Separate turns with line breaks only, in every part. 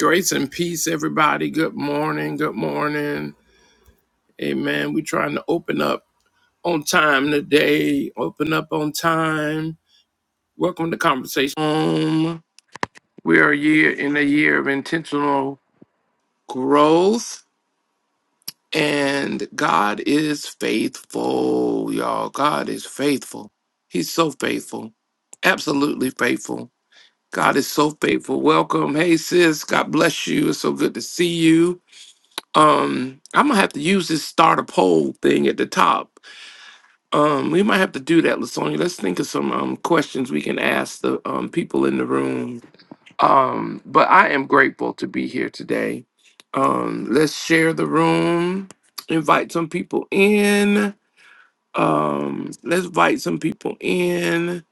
Grace and peace, everybody. Good morning. Good morning. Amen. We're trying to open up on time today. Open up on time. Welcome to Conversation. home. we are a year in a year of intentional growth, and God is faithful, y'all. God is faithful. He's so faithful. Absolutely faithful. God is so faithful. Welcome. Hey, sis. God bless you. It's so good to see you. Um, I'm gonna have to use this start a poll thing at the top. Um, we might have to do that, Lasonia. Let's think of some um questions we can ask the um people in the room. Um, but I am grateful to be here today. Um, let's share the room, invite some people in. Um, let's invite some people in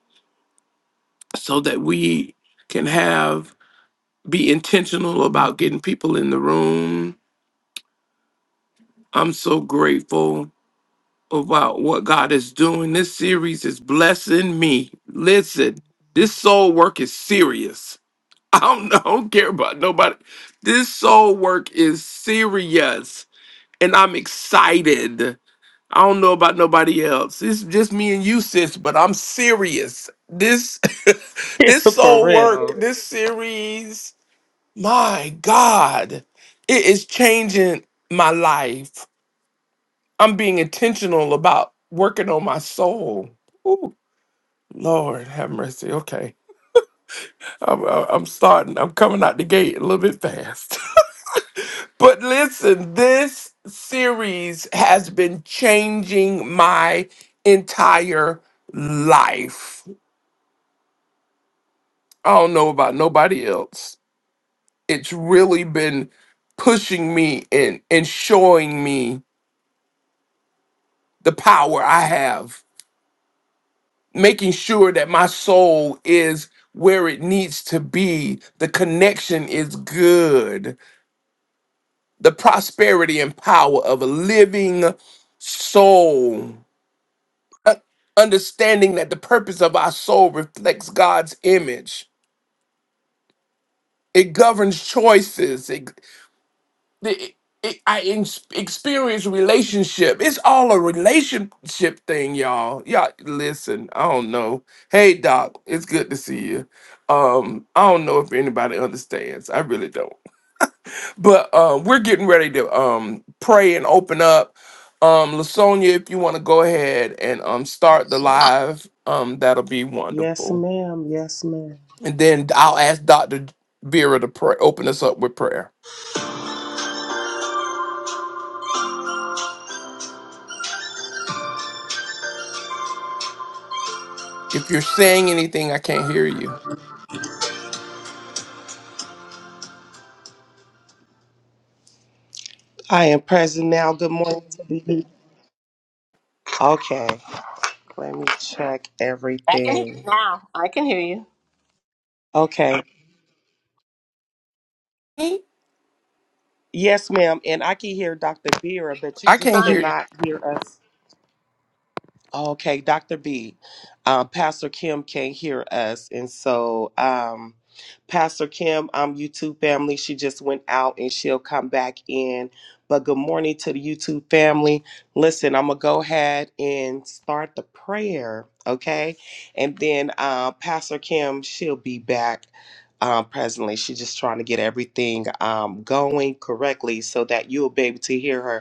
so that we can have be intentional about getting people in the room. I'm so grateful about what God is doing. This series is blessing me. Listen, this soul work is serious. I don't, I don't care about nobody. This soul work is serious, and I'm excited. I don't know about nobody else. It's just me and you, sis, but I'm serious. This this
For
soul work,
real.
this series, my God, it is changing my life. I'm being intentional about working on my soul. Ooh, Lord, have mercy. Okay, I'm, I'm I'm starting. I'm coming out the gate a little bit fast. but listen, this series has been changing my entire life. I don't know about nobody else. It's really been pushing me and and showing me the power I have making sure that my soul is where it needs to be. The connection is good. The prosperity and power of a living soul. Uh, Understanding that the purpose of our soul reflects God's image. It governs choices. the it, I ex- experience relationship. It's all a relationship thing, y'all. Y'all listen. I don't know. Hey, Doc, it's good to see you. Um, I don't know if anybody understands. I really don't. But um, we're getting ready to um pray and open up. Um, Lasonia, if you want to go ahead and um start the live, um, that'll be
Yes,
wonderful.
ma'am.
And then I'll ask Doctor Vera to pray, open us up with prayer. If you're saying anything, I can't hear you.
I am present now. Good morning. to you. Okay. Let me check
I can hear you
everything.
now. I can hear you.
Okay. Yes, ma'am. And I can hear Dr. Vera, but you
I
just
can't hear.
Sonia,
cannot hear us. Okay, Dr. B, uh, Pastor Kim can't hear us. And so, um, Pastor Kim, um, YouTube family, she just went out and she'll come back in. But good morning to the YouTube family. Listen, I'm going to go ahead and start the prayer, okay? And then uh, Pastor Kim, she'll be back um, presently. She's just trying to get everything um, going correctly so that you'll be able to hear her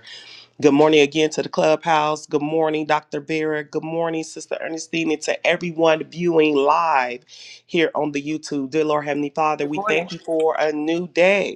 Good morning again to the clubhouse. Good morning, Dr. Vera. Good morning, Sister Ernestine, and to everyone viewing live here on the YouTube. Dear Lord Heavenly Father,
good
we
morning.
thank you for a new day.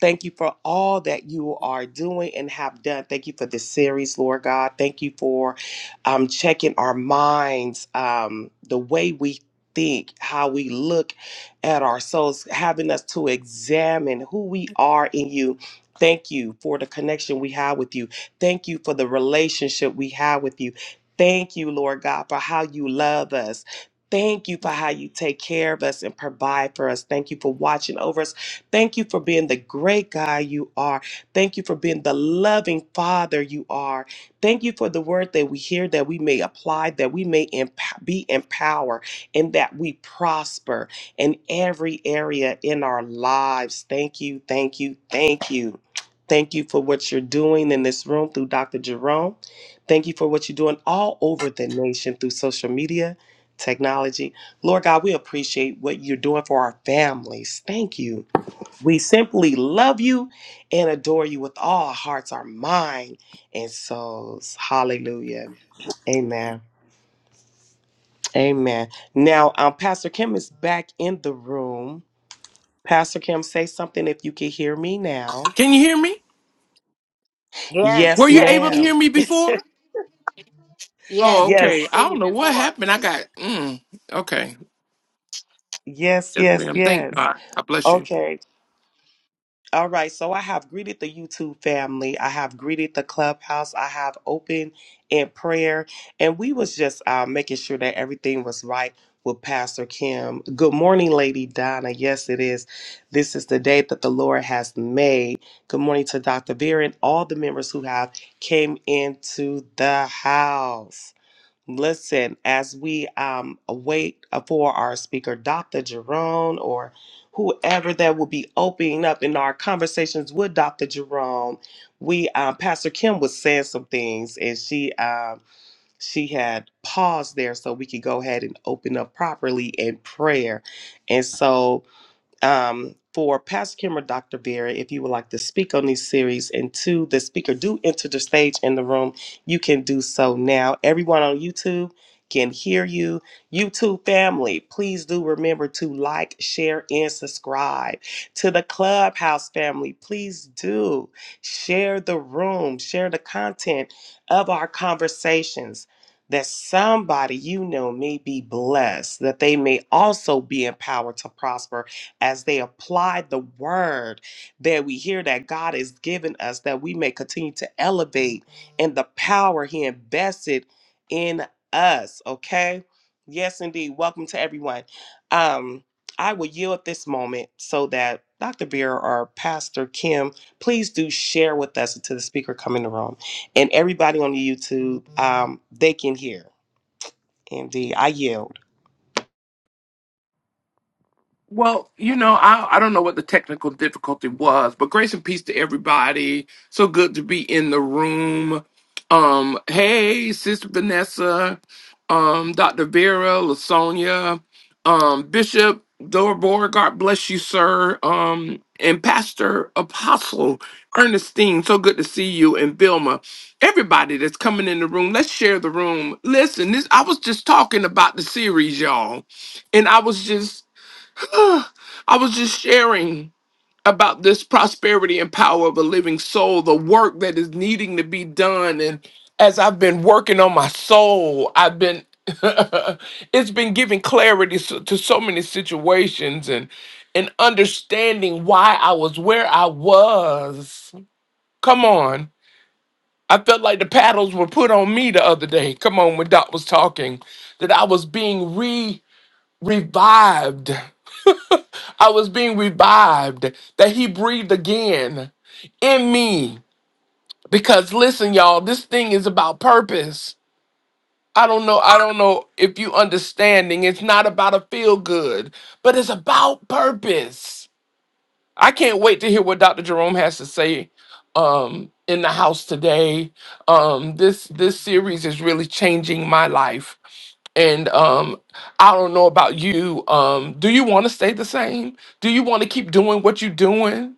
Thank you for all that you are doing and have done. Thank you for this series, Lord God. Thank you for um, checking our minds, um, the way we think, how we look at ourselves, having us to examine who we are in you. Thank you for the connection we have with you. Thank you for the relationship we have with you. Thank you, Lord God, for how you love us. Thank you for how you take care of us and provide for us. Thank you for watching over us Thank you for being the great guy you are. Thank you for being the loving father you are. Thank you for the word that we hear, that we may apply, that we may emp- be empowered, and that we prosper in every area in our lives. Thank you, thank you, thank you. Thank you for what you're doing in this room through Dr. Jerome. Thank you for what you're doing all over the nation through social media, technology. Lord God, we appreciate what you're doing for our families. Thank you. We simply love you and adore you with all our hearts, our mind, and souls. Hallelujah. Amen. Amen. Now, um, Pastor Kim is back in the room. Pastor Kim, say something if you can hear me now.
Can you hear me?
Yes,
Were
Yes,
you able to
ma'am.
hear
yes.
me before?
Yes,
Oh,
we could
okay.
hear
Yes.
I
you
don't know what
before.
happened. I got. Mm, okay.
Yes,
Yes,
yes,
ma'am. Thank
yes.
God. I bless you.
Okay. All right, so I have greeted the YouTube family. I have greeted the clubhouse. I have opened in prayer, and we was just uh, making sure that everything was right with Pastor Kim. Good morning, Lady Donna. Yes, it is. This is the day that the Lord has made. Good morning to Dr. Vera and all the members who have came into the house. Listen, as we um, wait for our speaker, Dr. Jerome, or whoever that will be opening up in our conversations with Dr. Jerome, we um, Pastor Kim was saying some things, and she um, she had paused there so we could go ahead and open up properly in prayer. And so um, for Pastor Kim or Dr. Vera, if you would like to speak on these series, and to the speaker do enter the stage in the room, you can do so now. Everyone on YouTube can hear you. YouTube family, please do remember to like, share, and subscribe. To the Clubhouse family, please do share the room, share the content of our conversations. That somebody you know may be blessed, that they may also be empowered to prosper as they apply the word that we hear that God has given us, that we may continue to elevate in the power He invested in us. Okay. Yes, indeed. Welcome to everyone. Um, I will yield this moment so that Dr. Vera or Pastor Kim, please do share with us until the speaker come in the room. And everybody on the YouTube, um, they can hear. Indeed. I yield.
Well, you know, I, I don't know what the technical difficulty was, but grace and peace to everybody. So good to be in the room. Um, hey, Sister Vanessa, um, Dr. Vera, Lasonia, um, Bishop Dorborg, God bless you, sir. Um, and Pastor Apostle Ernestine, so good to see you, and Vilma. Everybody that's coming in the room, let's share the room. Listen, this I was just talking about the series, y'all and I was just I was just sharing about this prosperity and power of a living soul, the work that is needing to be done. And as I've been working on my soul, I've been, it's been giving clarity so- to so many situations and, and understanding why I was where I was. Come on. I felt like the paddles were put on me the other day. Come on, when Doc was talking, that I was being re revived I was being revived, that he breathed again in me. Because listen, y'all, this thing is about purpose. I don't know, I don't know if you understanding. It's not about a feel good, but it's about purpose. I can't wait to hear what Dr. Jerome has to say um, in the house today. Um, this this series is really changing my life, and um, I don't know about you. Um, do you want to stay the same? Do you want to keep doing what you're doing?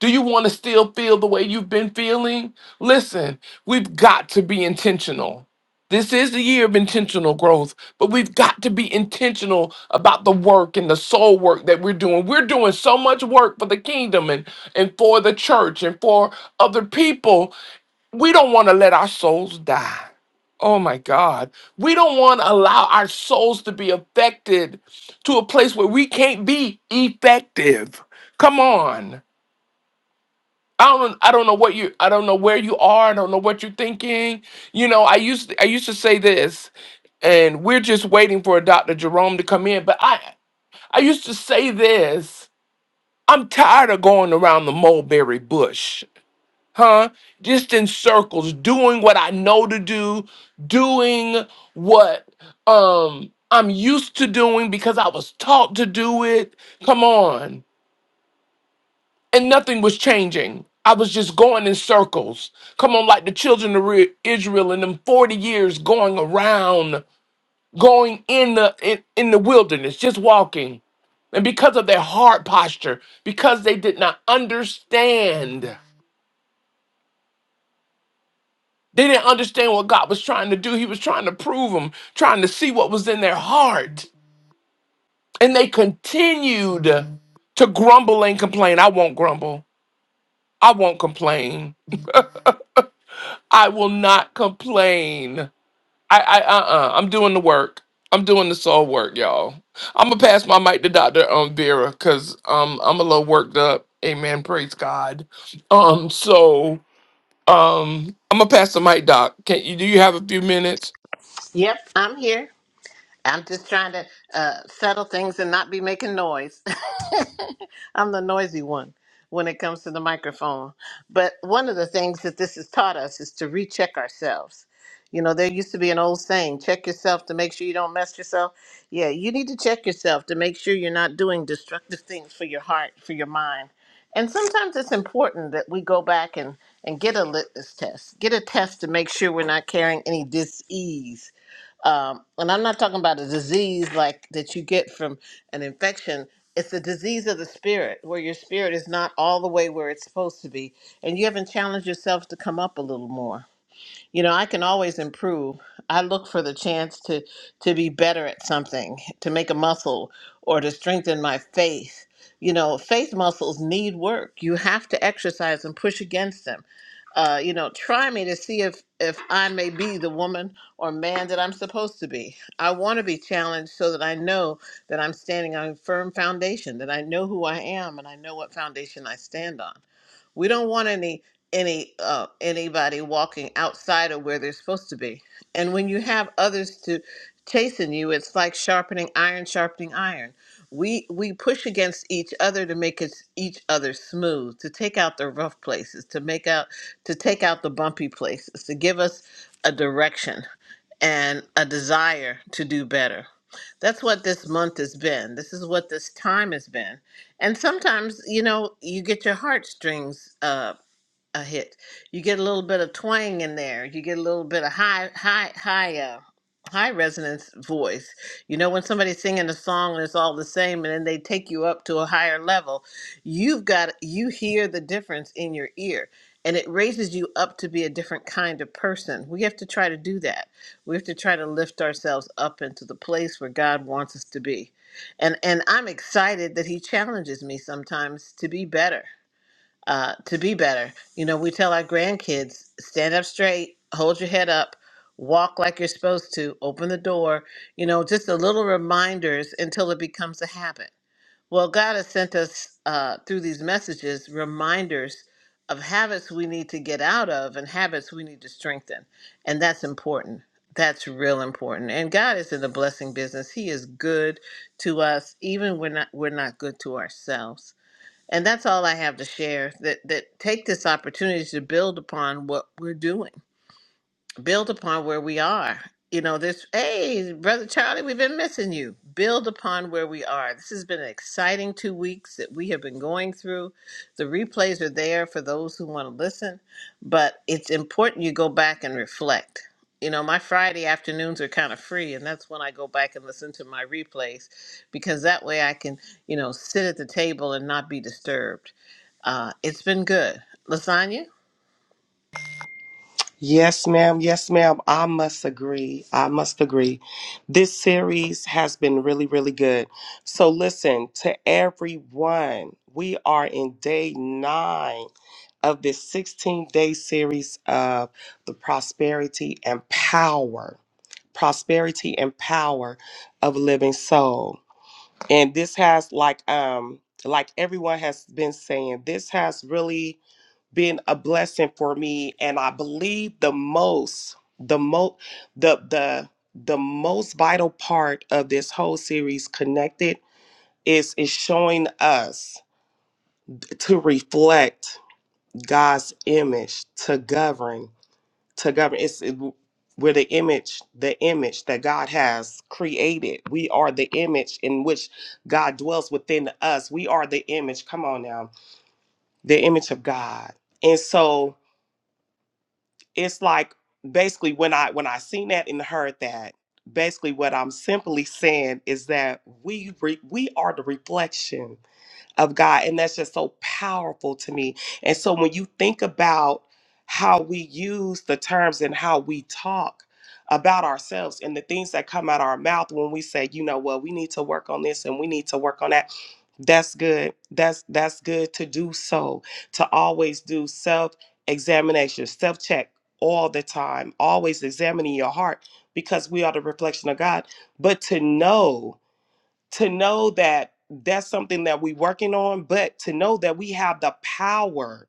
Do you want to still feel the way you've been feeling? Listen, we've got to be intentional. This is the year of intentional growth, but we've got to be intentional about the work and the soul work that we're doing. We're doing so much work for the kingdom and, and for the church and for other people. We don't want to let our souls die. Oh my God. We don't want to allow our souls to be affected to a place where we can't be effective. Come on. I don't I don't know what you I don't know where you are, I don't know what you're thinking. You know, I used I used to say this and we're just waiting for Dr. Jerome to come in, but I I used to say this. I'm tired of going around the mulberry bush, huh? Just in circles, doing what I know to do, doing what um I'm used to doing because I was taught to do it. Come on and nothing was changing. I was just going in circles. Come on, like the children of Re- Israel in them 40 years going around, going in the in, in the wilderness, just walking. And because of their hard posture, because they did not understand, they didn't understand what God was trying to do. He was trying to prove them, trying to see what was in their heart. And they continued to grumble and complain. I won't grumble. I won't complain. I will not complain. I, I, uh, uh I'm doing the work. I'm doing the soul work, y'all. I'm gonna pass my mic to Doctor um, Vera, cause um, I'm a little worked up. Amen. Praise God. Um, so um, I'm gonna pass the mic, Doc. Can you do you have a few minutes?
Yep, I'm here. I'm just trying to uh, settle things and not be making noise. I'm the noisy one when it comes to the microphone. But one of the things that this has taught us is to recheck ourselves. You know, there used to be an old saying check yourself to make sure you don't mess yourself. Yeah, you need to check yourself to make sure you're not doing destructive things for your heart, for your mind. And sometimes it's important that we go back and, and get a litmus test, get a test to make sure we're not carrying any disease um, and I'm not talking about a disease like that you get from an infection. It's a disease of the spirit where your spirit is not all the way where it's supposed to be. And you haven't challenged yourself to come up a little more you know i can always improve i look for the chance to to be better at something to make a muscle or to strengthen my faith you know faith muscles need work you have to exercise and push against them uh, you know try me to see if if i may be the woman or man that i'm supposed to be i want to be challenged so that i know that i'm standing on a firm foundation that i know who i am and i know what foundation i stand on we don't want any any uh, anybody walking outside of where they're supposed to be. And when you have others to chasing you, it's like sharpening iron, sharpening iron. We we push against each other to make it, each other smooth, to take out the rough places, to make out to take out the bumpy places, to give us a direction and a desire to do better. That's what this month has been. This is what this time has been. And sometimes, you know, you get your heartstrings uh, a hit. You get a little bit of twang in there. You get a little bit of high, high, high, uh, high resonance voice. You know when somebody's singing a song and it's all the same, and then they take you up to a higher level. You've got you hear the difference in your ear, and it raises you up to be a different kind of person. We have to try to do that. We have to try to lift ourselves up into the place where God wants us to be. And and I'm excited that He challenges me sometimes to be better uh, to be better. You know, we tell our grandkids stand up straight, hold your head up, walk like you're supposed to, open the door, you know, just the little reminders until it becomes a habit. Well, God has sent us uh, through these messages reminders of habits we need to get out of and habits we need to strengthen. And that's important. That's real important. And God is in the blessing business. He is good to us, even when not, we're not good to ourselves. And that's all I have to share. That that take this opportunity to build upon what we're doing build upon where we are. You know, this, hey, Brother Charlie, we've been missing you. Build upon where we are. This has been an exciting two weeks that we have been going through. The replays are there for those who want to listen, but it's important you go back and reflect. You know, my Friday afternoons are kind of free, and that's when I go back and listen to my replays because that way I can, you know, sit at the table and not be disturbed. Uh, it's been good. Lasagna?
Yes, ma'am. Yes, ma'am. I must agree. I must agree. This series has been really, really good. So, listen to everyone. We are in day nine of this 16 day series of the prosperity and power, prosperity and power of living soul. And this has, like, um, like everyone has been saying, this has really been a blessing for me and i believe the most the most the the the most vital part of this whole series connected is is showing us to reflect god's image to govern to govern it's it, we're the image the image that god has created we are the image in which god dwells within us we are the image come on now the image of god and so it's like basically when I when I seen that and heard that, basically what I'm simply saying is that we re, we are the reflection of God. And that's just so powerful to me. And so when you think about how we use the terms and how we talk about ourselves and the things that come out our mouth when we say, you know what, we need to work on this and we need to work on that. That's good. That's that's good to do so, to always do self-examination, self-check all the time, always examining your heart because we are the reflection of God. But to know to know that that's something that we're working on, but to know that we have the power,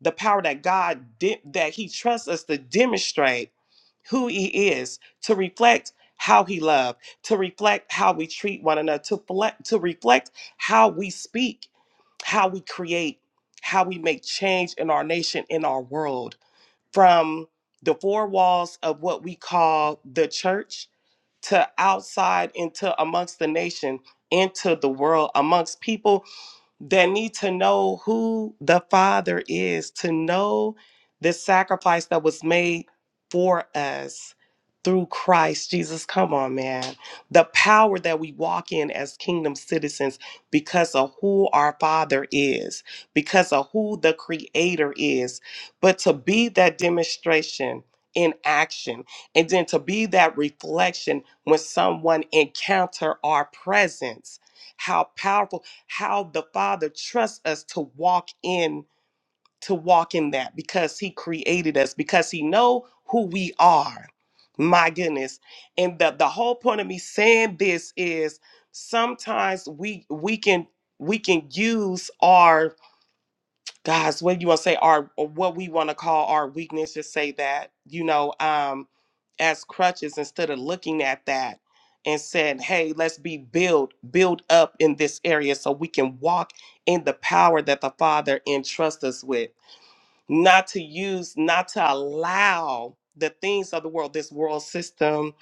the power that God did, that He trusts us to demonstrate who He is, to reflect how He loved, to reflect how we treat one another, to, fle- to reflect how we speak, how we create, how we make change in our nation, in our world, from the four walls of what we call the church to outside into amongst the nation into the world amongst people that need to know who the Father is, to know the sacrifice that was made for us through Christ Jesus. Come on, man. The power that we walk in as kingdom citizens because of who our Father is, because of who the Creator is. But to be that demonstration in action and then to be that reflection when someone encounter our presence how powerful! how the Father trusts us to walk in to walk in that because he created us because he know who we are. My goodness. And the the whole point of me saying this is sometimes we we can we can use our guys, what you want to say, our or what we want to call our weakness, just say that, you know, um, as crutches instead of looking at that and said, hey, let's be built, built up in this area so we can walk in the power that the Father entrusts us with. Not to use, not to allow the things of the world, this world system,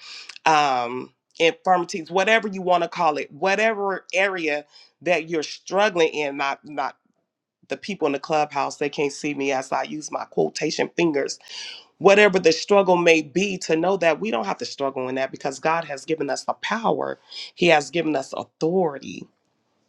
um, infirmities, whatever you want to call it, whatever area that you're struggling in. not the people in the clubhouse they can't see me as i use my quotation fingers whatever the struggle may be to know that we don't have to struggle in that because god has given us the power he has given us authority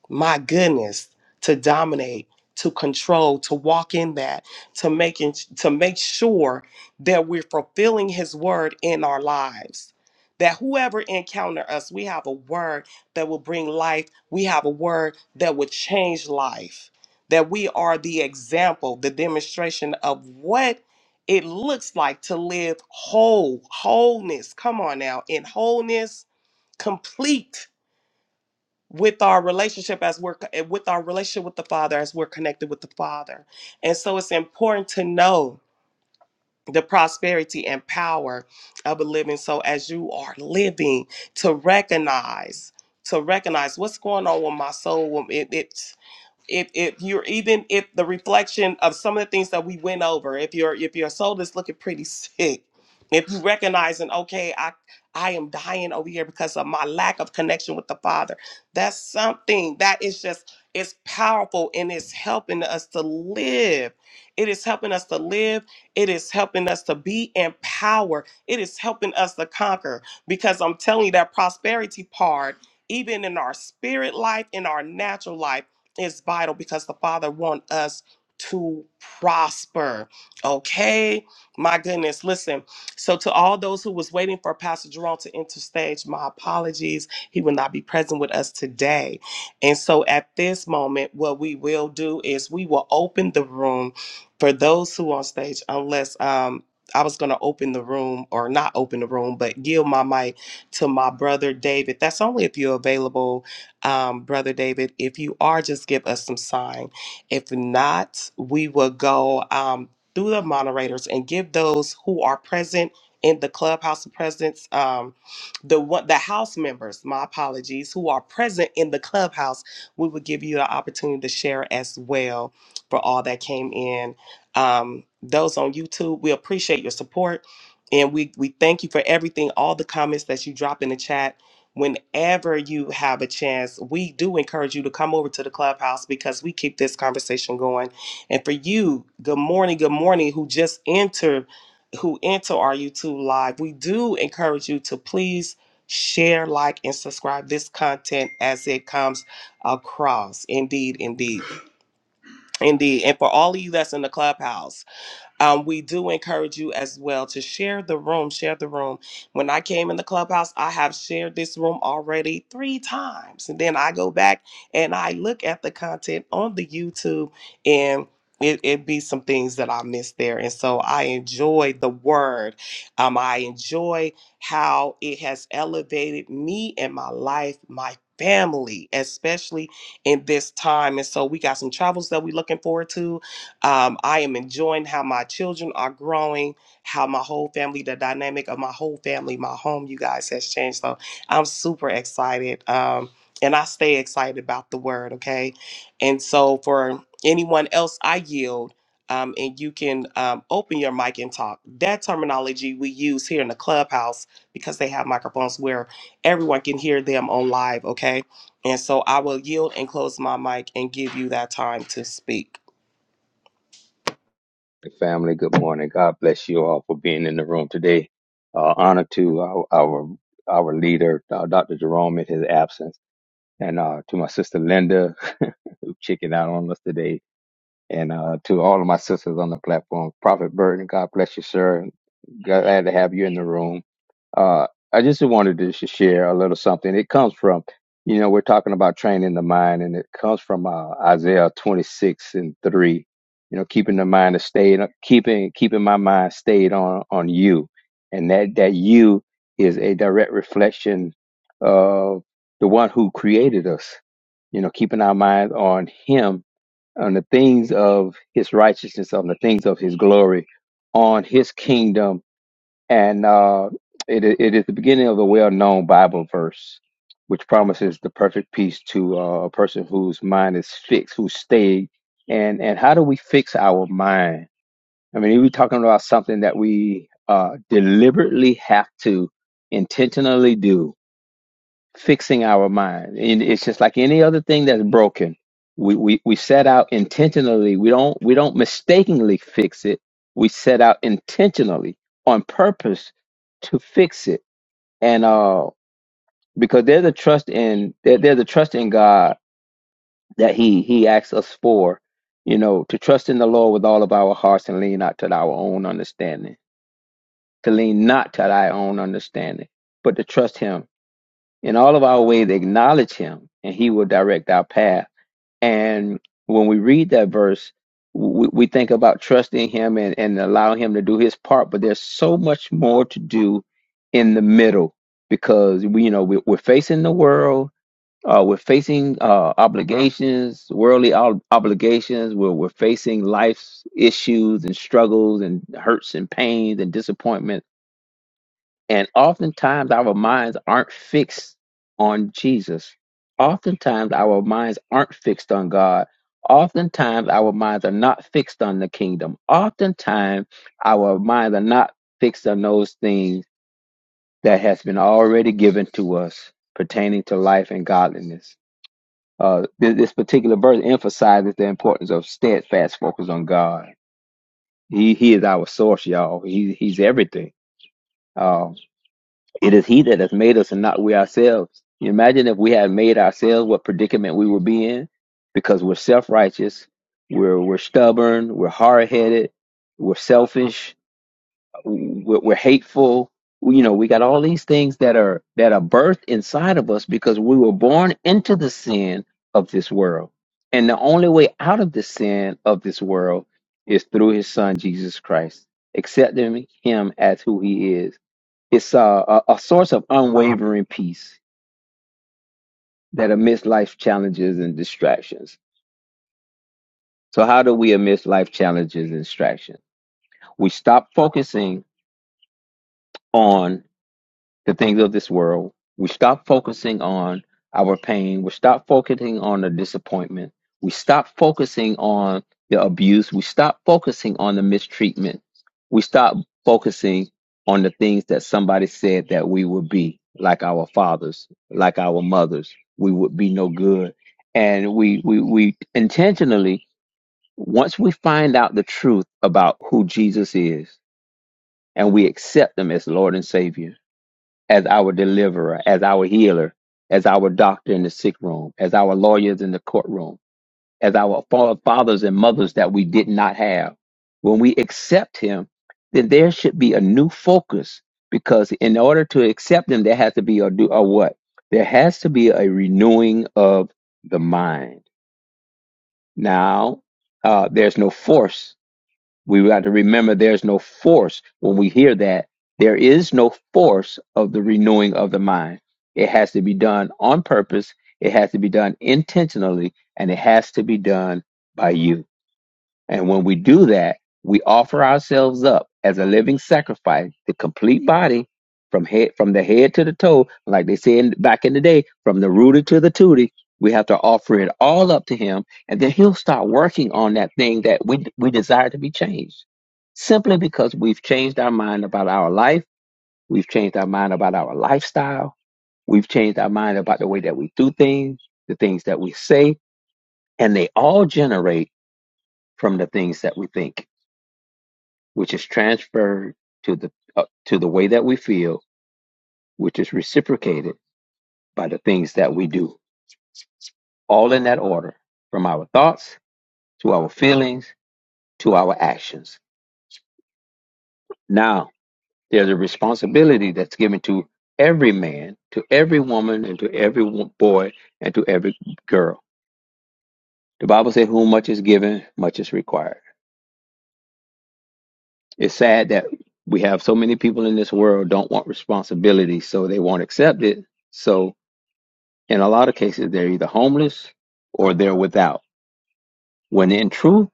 my goodness, to dominate, to control, to walk in that, to making to make sure that we're fulfilling his word in our lives. That whoever encounter us, we have a word that will bring life. We have a word that will change life. That we are the example, the demonstration of what it looks like to live whole, wholeness. Come on now, in wholeness, complete with our relationship as we're with our relationship with the father as we're connected with the father and so it's important to know the prosperity and power of a living so as you are living to recognize to recognize what's going on with my soul it, it if if you're even if the reflection of some of the things that we went over if your if your soul is looking pretty sick if you recognizing okay i i am dying over here because of my lack of connection with the father that's something that is just it's powerful and it's helping us to live it is helping us to live it is helping us to be empowered it is helping us to conquer because i'm telling you that prosperity part even in our spirit life in our natural life is vital because the Father wants us to prosper. Okay? My goodness. Listen. So to all those who was waiting for Pastor Jerome to enter stage, my apologies. He will not be present with us today. And so at this moment, what we will do is we will open the room for those who on stage, unless um I was gonna open the room or not open the room, but yield my mic to my brother David. That's only if you're available um, Brother David. If you are, just give us some sign. If not, we will go um, through the moderators and give those who are present in the clubhouse presence, um, the one, the house members, my apologies, who are present in the clubhouse, we will give you the opportunity to share as well for all that came in. Um, those on YouTube, we appreciate your support. And we, we thank you for everything, all the comments that you dropped in the chat whenever you have a chance, we do encourage you to come over to the clubhouse because we keep this conversation going. And for you, good morning, good morning, who just enter, who enter our YouTube live, we do encourage you to please share, like, and subscribe this content as it comes across. Indeed, indeed, indeed. And for all of you that's in the clubhouse. Um, we do encourage you as well to share the room. Share the room. When I came in the clubhouse, I have shared this room already three times, and then I go back and I look at the content on the YouTube, and it it be some things that I missed there. And so I enjoy the word. Um, I enjoy how it has elevated me and my life, my family, especially in this time. And so we got some travels that we're looking forward to um, I am enjoying how my children are growing, how my whole family, the dynamic of my whole family, my home, you guys, has changed. So I'm super excited. Um, and I stay excited about the word, okay? And so for anyone else, I yield. Um, and you can um, open your mic and talk. That terminology we use here in the clubhouse because they have microphones where everyone can hear them on live, okay? And so I will yield and close my mic and give you that time to speak.
Family, good morning. God bless you all for being in the room today. Uh, honor to our, our, our leader, uh, Dr. Jerome, in his absence, and uh, to my sister Linda, who chickened out on us today, and uh, to all of my sisters on the platform. Prophet Burton, God bless you, sir. Glad to have you in the room. Uh, I just wanted to sh- share a little something. It comes from, you know, we're talking about training the mind, and it comes from uh, Isaiah 26 and 3. You know, keeping the mind to stay, keeping keeping my mind stayed on on you, and that that you is a direct reflection of the one who created us. You know, keeping our mind on Him, on the things of His righteousness, on the things of His glory, on His kingdom and uh, it, i- it is the beginning of a well-known Bible verse, which promises the perfect peace to uh, a person whose mind is fixed, who's stayed. And and how do we fix our mind? I mean, are we talking about something that we uh, deliberately have to intentionally do? fixing our mind. And it's just like any other thing that's broken. We, we we set out intentionally. We don't we don't mistakenly fix it. We set out intentionally on purpose to fix it. And uh because there's a trust in there, there's a trust in God that He He asks us for, you know, to trust in the Lord with all of our hearts and lean not to our own understanding. To lean not to thy own understanding, but to trust him In all of our ways, acknowledge him, and he will direct our path. And when we read that verse, we, we think about trusting him and, and allowing him to do his part, but there's so much more to do in the middle because we, you know, we, we're facing the world. Uh, we're facing uh, obligations, worldly ob- obligations. We're, we're facing life's issues and struggles and hurts and pains and disappointments and oftentimes our minds aren't fixed on Jesus. Oftentimes our minds aren't fixed on God. Oftentimes our minds are not fixed on the kingdom. Oftentimes our minds are not fixed on those things that has been already given to us pertaining to life and godliness. Uh, this, this particular verse emphasizes the importance of steadfast focus on God. He, he is our source, y'all. He, he's everything. Uh, It is He that has made us and not we ourselves. Can You imagine if we had made ourselves what predicament we would be in because we're self righteous, we're, we're stubborn, we're hard headed, we're selfish, we're, we're hateful. We- You know, we got all these things that are that are birthed inside of us because we were born into the sin of this world. And the only way out of the sin of this world is through his son Jesus Christ, accepting him as who he is it's a, a, a source of unwavering peace that amidst life's challenges and distractions. So, how do we amidst life challenges and distractions? We stop focusing on the things of this world. We stop focusing on our pain. We stop focusing on the disappointment. We stop focusing on the abuse. We stop focusing on the mistreatment. We stop focusing on the things that somebody said that we would be like our fathers, like our mothers. We would be no good. And we, we, we intentionally, once we find out the truth about who Jesus is and we accept him as Lord and Savior, as our deliverer, as our healer, as our doctor in the sick room, as our lawyers in the courtroom, as our fa- fathers and mothers that we did not have. When we accept him, then there should be a new focus because in order to accept him, there has to be a do a what? There has to be a renewing of the mind. Now, uh, there's no force we got to remember there's no force when we hear that. There is no force of the renewing of the mind. It has to be done on purpose, it has to be done intentionally, and it has to be done by you. And when we do that, we offer ourselves up as a living sacrifice, the complete body, from head from the head to the toe, like they said back in the day, from the rooter to the tootie. We have to offer it all up to Him, and then He'll start working on that thing that we we desire to be changed. Simply because we've changed our mind about our life, we've changed our mind about our lifestyle, we've changed our mind about the way that we do things, the things that we say, and they all generate from the things that we think which is transferred to the uh, to the way that we feel, which is reciprocated by the things that we do. All in that order, from our thoughts to our feelings to our actions. Now, there's a responsibility that's given to every man, to every woman, and to every wo- boy, and to every girl. The Bible says, "Whom much is given, much is required." It's sad that we have so many people in this world don't want responsibility, so they won't accept it. So. In a lot of cases, they're either homeless or they're without. When in truth,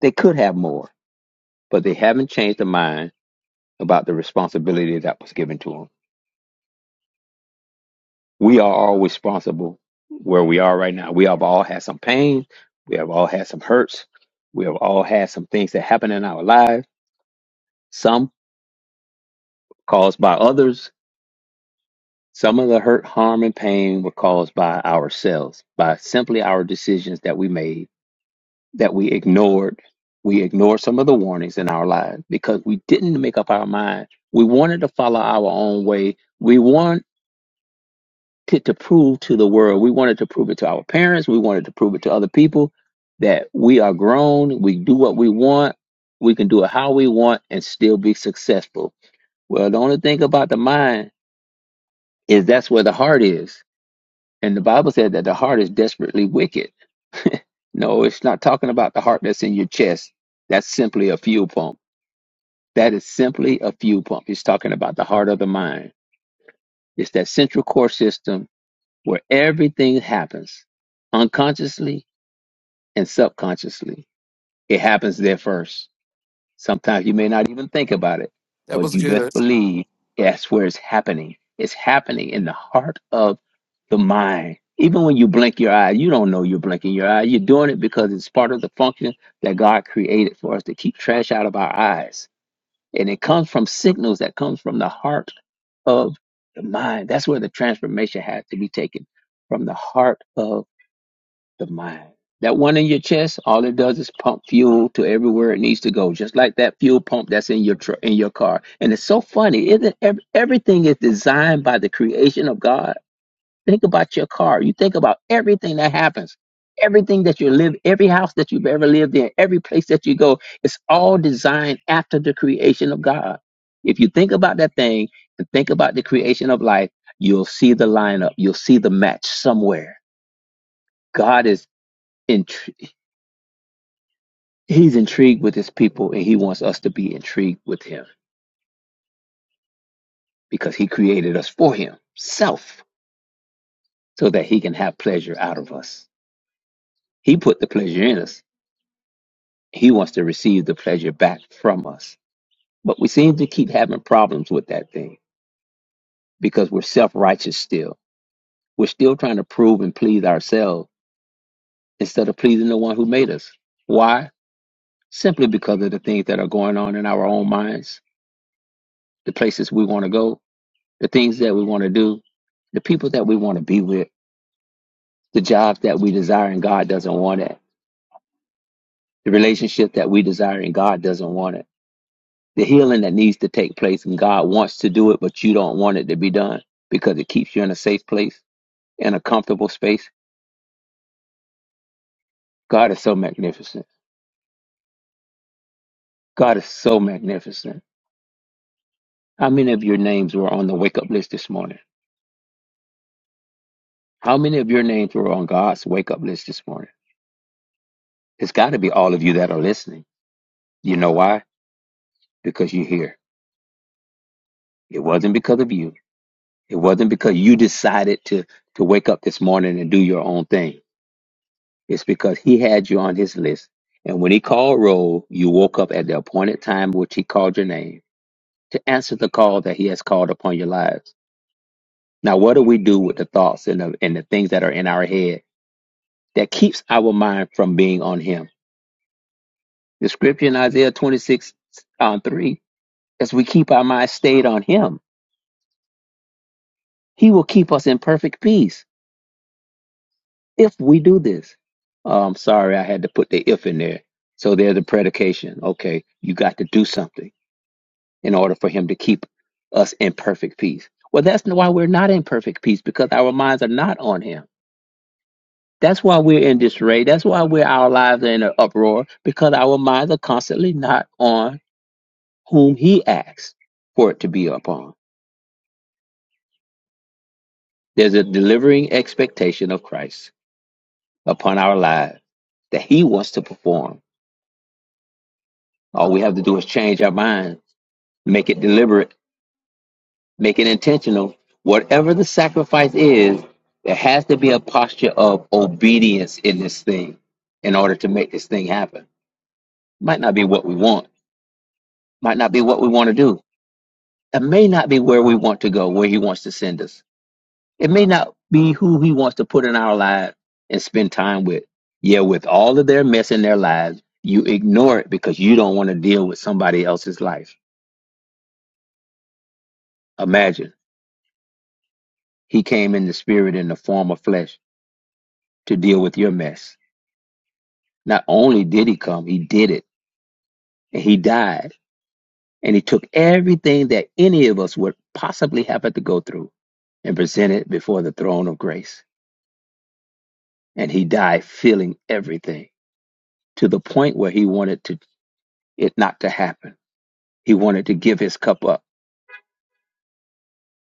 they could have more, but they haven't changed their mind about the responsibility that was given to them. We are all responsible where we are right now. We have all had some pain. We have all had some hurts. We have all had some things that happen in our lives, some caused by others. Some of the hurt, harm, and pain were caused by ourselves, by simply our decisions that we made that we ignored. We ignored some of the warnings in our lives because we didn't make up our mind. We wanted to follow our own way. We wanted to prove to the world. We wanted to prove it to our parents. We wanted to prove it to other people that we are grown. We do what we want. We can do it how we want and still be successful. Well, the only thing about the mind is that's where the heart is. And the Bible said that the heart is desperately wicked. no, it's not talking about the heart that's in your chest. That's simply a fuel pump That is simply a fuel pump. He's talking about the heart of the mind. It's that central core system where everything happens unconsciously and subconsciously. It happens there first. Sometimes you may not even think about it,
That
but
was
you best
good.
believe that's where it's happening. It's happening in the heart of the mind. Even when you blink your eye, you don't know you're blinking your eye. You're doing it because it's part of the function that God created for us to keep trash out of our eyes And it comes from signals that comes from the heart of the mind. That's where the transformation has to be taken from the heart of the mind. That one in your chest, all it does is pump fuel to everywhere it needs to go, just like that fuel pump that's in your tr- in your car. And it's so funny, isn't it? Ev- Everything is designed by the creation of God Think about your car. You think about everything that happens, everything that you live, every house that you've ever lived in, every place that you go. It's all designed after the creation of God. If you think about that thing and think about the creation of life, you'll see the lineup. You'll see the match somewhere. God is intri- he's intrigued with his people and he wants us to be intrigued with him because he created us for himself so that he can have pleasure out of us. He put the pleasure in us. He wants to receive the pleasure back from us. But we seem to keep having problems with that thing because we're self righteous still. We're still trying to prove and please ourselves instead of pleasing the one who made us. Why? Simply because of the things that are going on in our own minds, the places we want to go, the things that we want to do, the people that we want to be with, the jobs that we desire and God doesn't want it, the relationship that we desire and God doesn't want it the healing that needs to take place and God wants to do it, but you don't want it to be done because it keeps you in a safe place, in a comfortable space. God is so magnificent. God is so magnificent. How many of your names were on the wake up list this morning? How many of your names were on God's wake up list this morning? It's got to be all of you that are listening. You know why? Because you're here. It wasn't because of you. It wasn't because you decided to, to wake up this morning and do your own thing It's because he had you on his list. And when he called roll, you woke up at the appointed time which he called your name to answer the call that he has called upon your lives. Now, what do we do with the thoughts and the, and the things that are in our head that keeps our mind from being on him? The scripture in Isaiah 26 on 3, as we keep our mind stayed on him, he will keep us in perfect peace if we do this. Oh, I'm sorry, I had to put the if in there. So there's the predication. Okay, you got to do something in order for him to keep us in perfect peace. Well, that's why we're not in perfect peace because our minds are not on him. That's why we're in disarray. That's why we're, our lives are in an uproar because our minds are constantly not on whom he asks for it to be upon. There's a delivering expectation of Christ upon our lives that he wants to perform. All we have to do is change our mind, make it deliberate Make it intentional. Whatever the sacrifice is, there has to be a posture of obedience in this thing in order to make this thing happen. Might not be what we want, might not be what we want to do. It may not be where we want to go, where He wants to send us. It may not be who He wants to put in our lives and spend time with. Yeah, with all of their mess in their lives, you ignore it because you don't want to deal with somebody else's life. Imagine He came in the spirit in the form of flesh to deal with your mess Not only did he come, he did it. And he died. And he took everything that any of us would possibly have had to go through and presented before the throne of grace. And he died feeling everything to the point where he wanted to, it not to happen. He wanted to give his cup up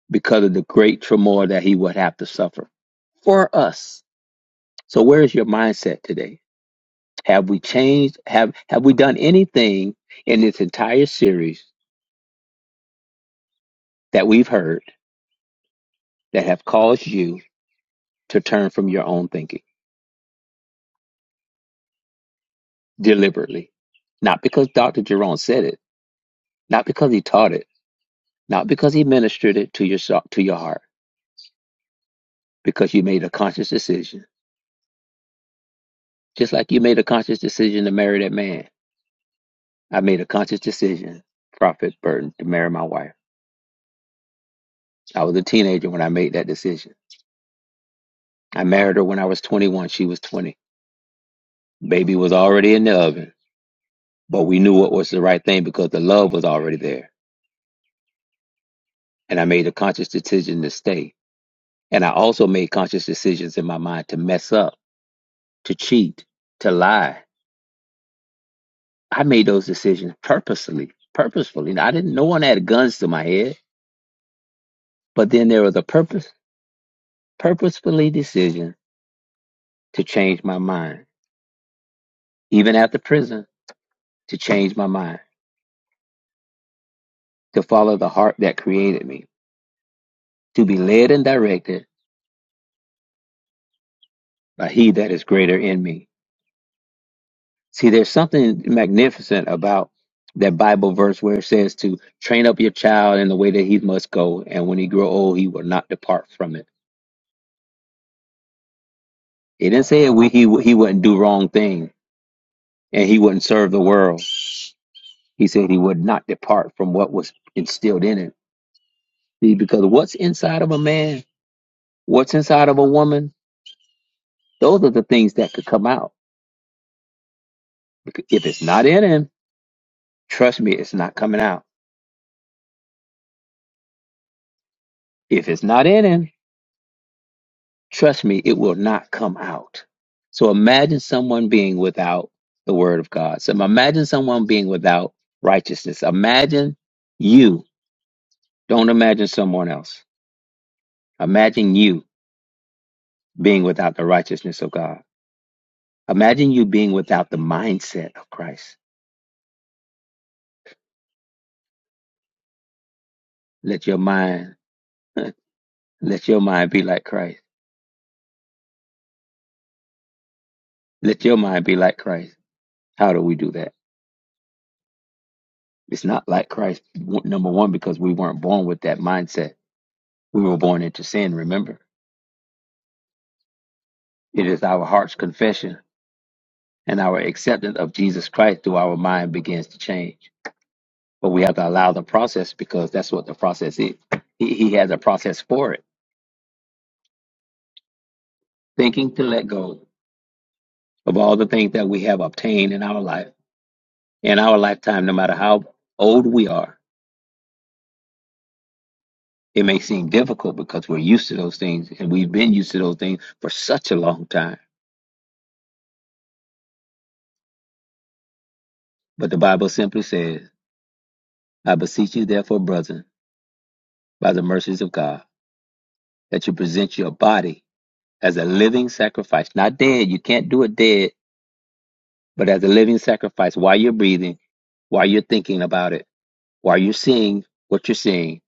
because of the great turmoil that he would have to suffer for us. So where is your mindset today? Have we changed? Have have we done anything in this entire series that we've heard that have caused you to turn from your own thinking deliberately. Not because Dr. Jerome said it, not because he taught it, not because he ministered it to your, so- to your heart, because you made a conscious decision. Just like you made a conscious decision to marry that man. I made a conscious decision, Prophet Burton, to marry my wife. I was a teenager when I made that decision. I married her when I was 21. She was 20. Baby was already in the oven, but we knew what was the right thing because the love was already there. And I made a conscious decision to stay And I also made conscious decisions in my mind to mess up, to cheat, to lie. I made those decisions purposely, purposefully. And I didn't, no one had guns to my head, but then there was a purpose, purposefully decision to change my mind, even after prison, to change my mind, to follow the heart that created me, to be led and directed by he that is greater in me. See, there's something magnificent about that Bible verse where it says to train up your child in the way that he must go, and when he grow old, he will not depart from it. It didn't say we, he he wouldn't do wrong thing and he wouldn't serve the world. He said he would not depart from what was instilled in him. See, because what's inside of a man, what's inside of a woman, those are the things that could come out. If it's not in him, trust me, it's not coming out. If it's not in him, Trust me, it will not come out. So imagine someone being without the word of God. So imagine someone being without righteousness. Imagine you. Don't imagine someone else. Imagine you being without the righteousness of God. Imagine you being without the mindset of Christ. Let your mind, let your mind be like Christ. Let your mind be like Christ. How do we do that? It's not like Christ, w- number one, because we weren't born with that mindset. We were born into sin, remember? It is our heart's confession and our acceptance of Jesus Christ through our mind begins to change. But we have to allow the process because that's what the process is. He, he has a process for it. Thinking to let go of all the things that we have obtained in our life, in our lifetime, no matter how old we are, it may seem difficult because we're used to those things and we've been used to those things for such a long time. But the Bible simply says, I beseech you, therefore, brethren, by the mercies of God, that you present your body as a living sacrifice, not dead. You can't do it dead, but as a living sacrifice while you're breathing, while you're thinking about it, while you're seeing what you're seeing,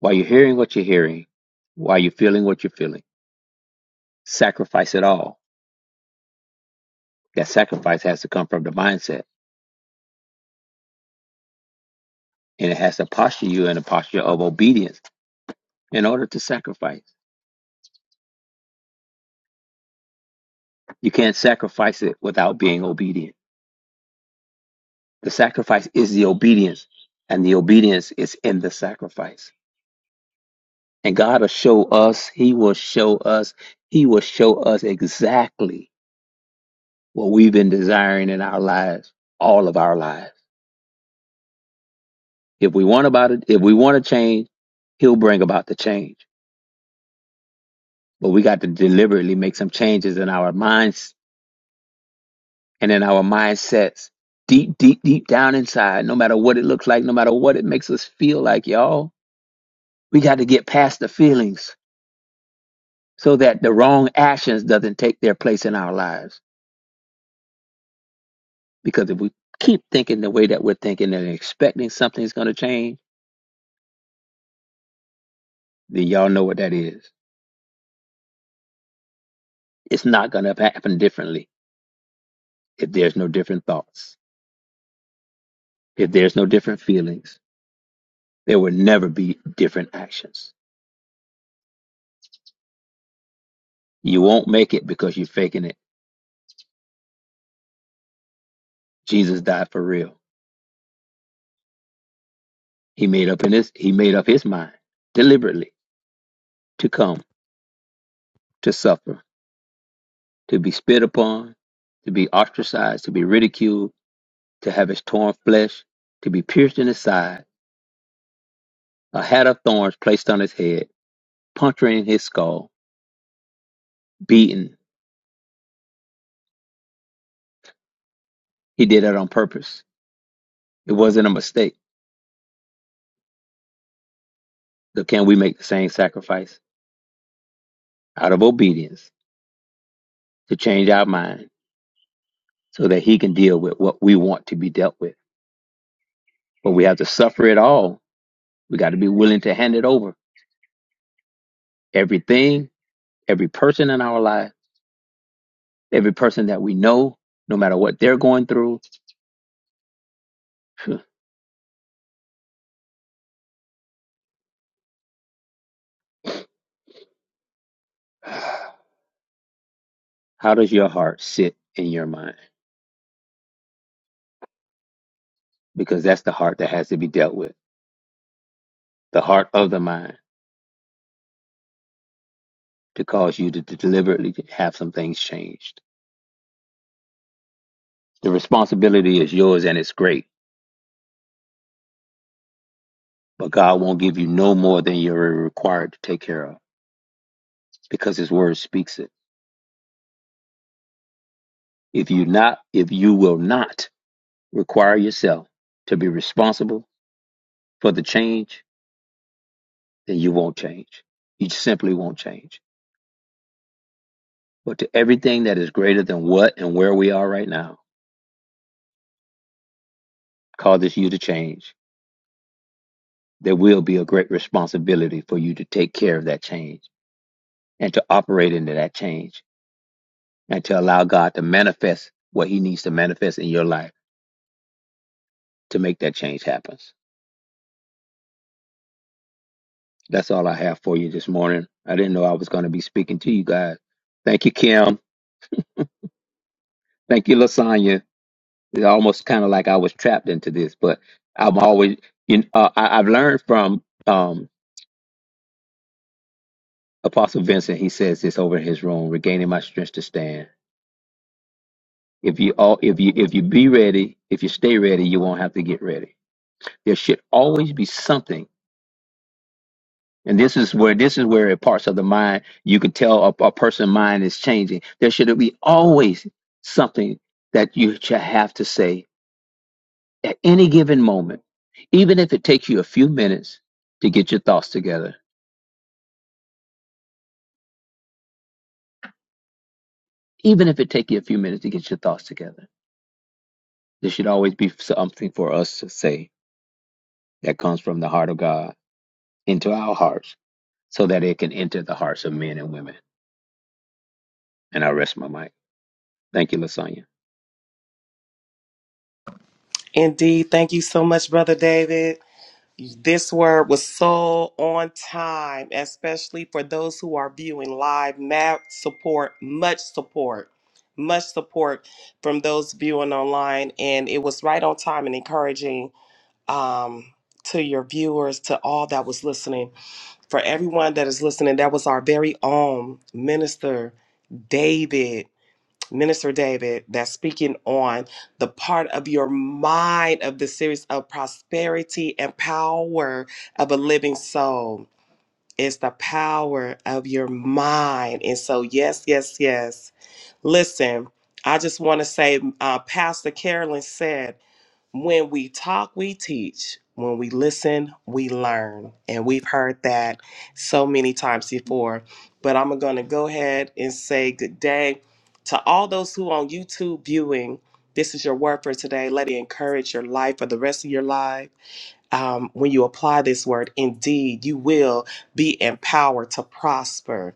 while you're hearing what you're hearing, while you're feeling what you're feeling. Sacrifice it all. That sacrifice has to come from the mindset and it has to posture you in a posture of obedience in order to sacrifice. You can't sacrifice it without being obedient. The sacrifice is the obedience, and the obedience is in the sacrifice. And God will show us, He will show us, He will show us exactly what we've been desiring in our lives, all of our lives. If we want about it, if we want to change, He'll bring about the change. But we got to deliberately make some changes in our minds and in our mindsets. Deep, deep, deep down inside, no matter what it looks like, no matter what it makes us feel like, y'all, we got to get past the feelings so that the wrong actions doesn't take their place in our lives Because if we keep thinking the way that we're thinking and expecting something's going to change, then y'all know what that is. It's not going to happen differently if there's no different thoughts, if there's no different feelings. There will never be different actions. You won't make it because you're faking it. Jesus died for real. He made up in his he made up his mind deliberately to come, to suffer, to be spit upon, to be ostracized, to be ridiculed, to have his torn flesh, to be pierced in his side a hat of thorns placed on his head, puncturing his skull, beaten. He did it on purpose. It wasn't a mistake. So can we make the same sacrifice out of obedience to change our mind so that he can deal with what we want to be dealt with? But we have to suffer it all. We got to be willing to hand it over. Everything, every person in our life, every person that we know, no matter what they're going through. How does your heart sit in your mind? Because that's the heart that has to be dealt with. The heart of the mind to cause you to, to deliberately have some things changed. The responsibility is yours and it's great, but God won't give you no more than you're required to take care of because his word speaks it. If you not if you will not require yourself to be responsible for the change, then you won't change. You simply won't change. But to everything that is greater than what and where we are right now causes you to change, there will be a great responsibility for you to take care of that change and to operate into that change and to allow God to manifest what He needs to manifest in your life to make that change happen. That's all I have for you this morning. I didn't know I was going to be speaking to you guys. Thank you, Kim. Thank you, Lasagna. It's almost kind of like I was trapped into this, but I'm always, you know, uh, I, I've learned from um, Apostle Vincent. He says this over in his room, regaining my strength to stand. If you all, if you, if you be ready, if you stay ready, you won't have to get ready. There should always be something And this is where this is where parts of the mind you can tell a, a person's mind is changing. There should be always something that you should have to say at any given moment, even if it takes you a few minutes to get your thoughts together. Even if it takes you a few minutes to get your thoughts together, there should always be something for us to say that comes from the heart of God into our hearts, so that it can enter the hearts of men and women. And I rest my mic. Thank you, Lasagna.
Indeed. Thank you so much, Brother David. This word was so on time, especially for those who are viewing live. Map support, much support, much support from those viewing online. And it was right on time and encouraging um, to your viewers, to all that was listening. For everyone that is listening, that was our very own minister, David. Minister David, that's speaking on the part of your mind of the series of prosperity and power of a living soul. It's the power of your mind. And so, yes, yes, yes. Listen, I just want to say, uh, Pastor Carolyn said, when we talk, we teach. When we listen, we learn. And we've heard that so many times before. But I'm going to go ahead and say good day to all those who on YouTube viewing. This is your word for today. Let it encourage your life for the rest of your life. Um, when you apply this word, indeed, you will be empowered to prosper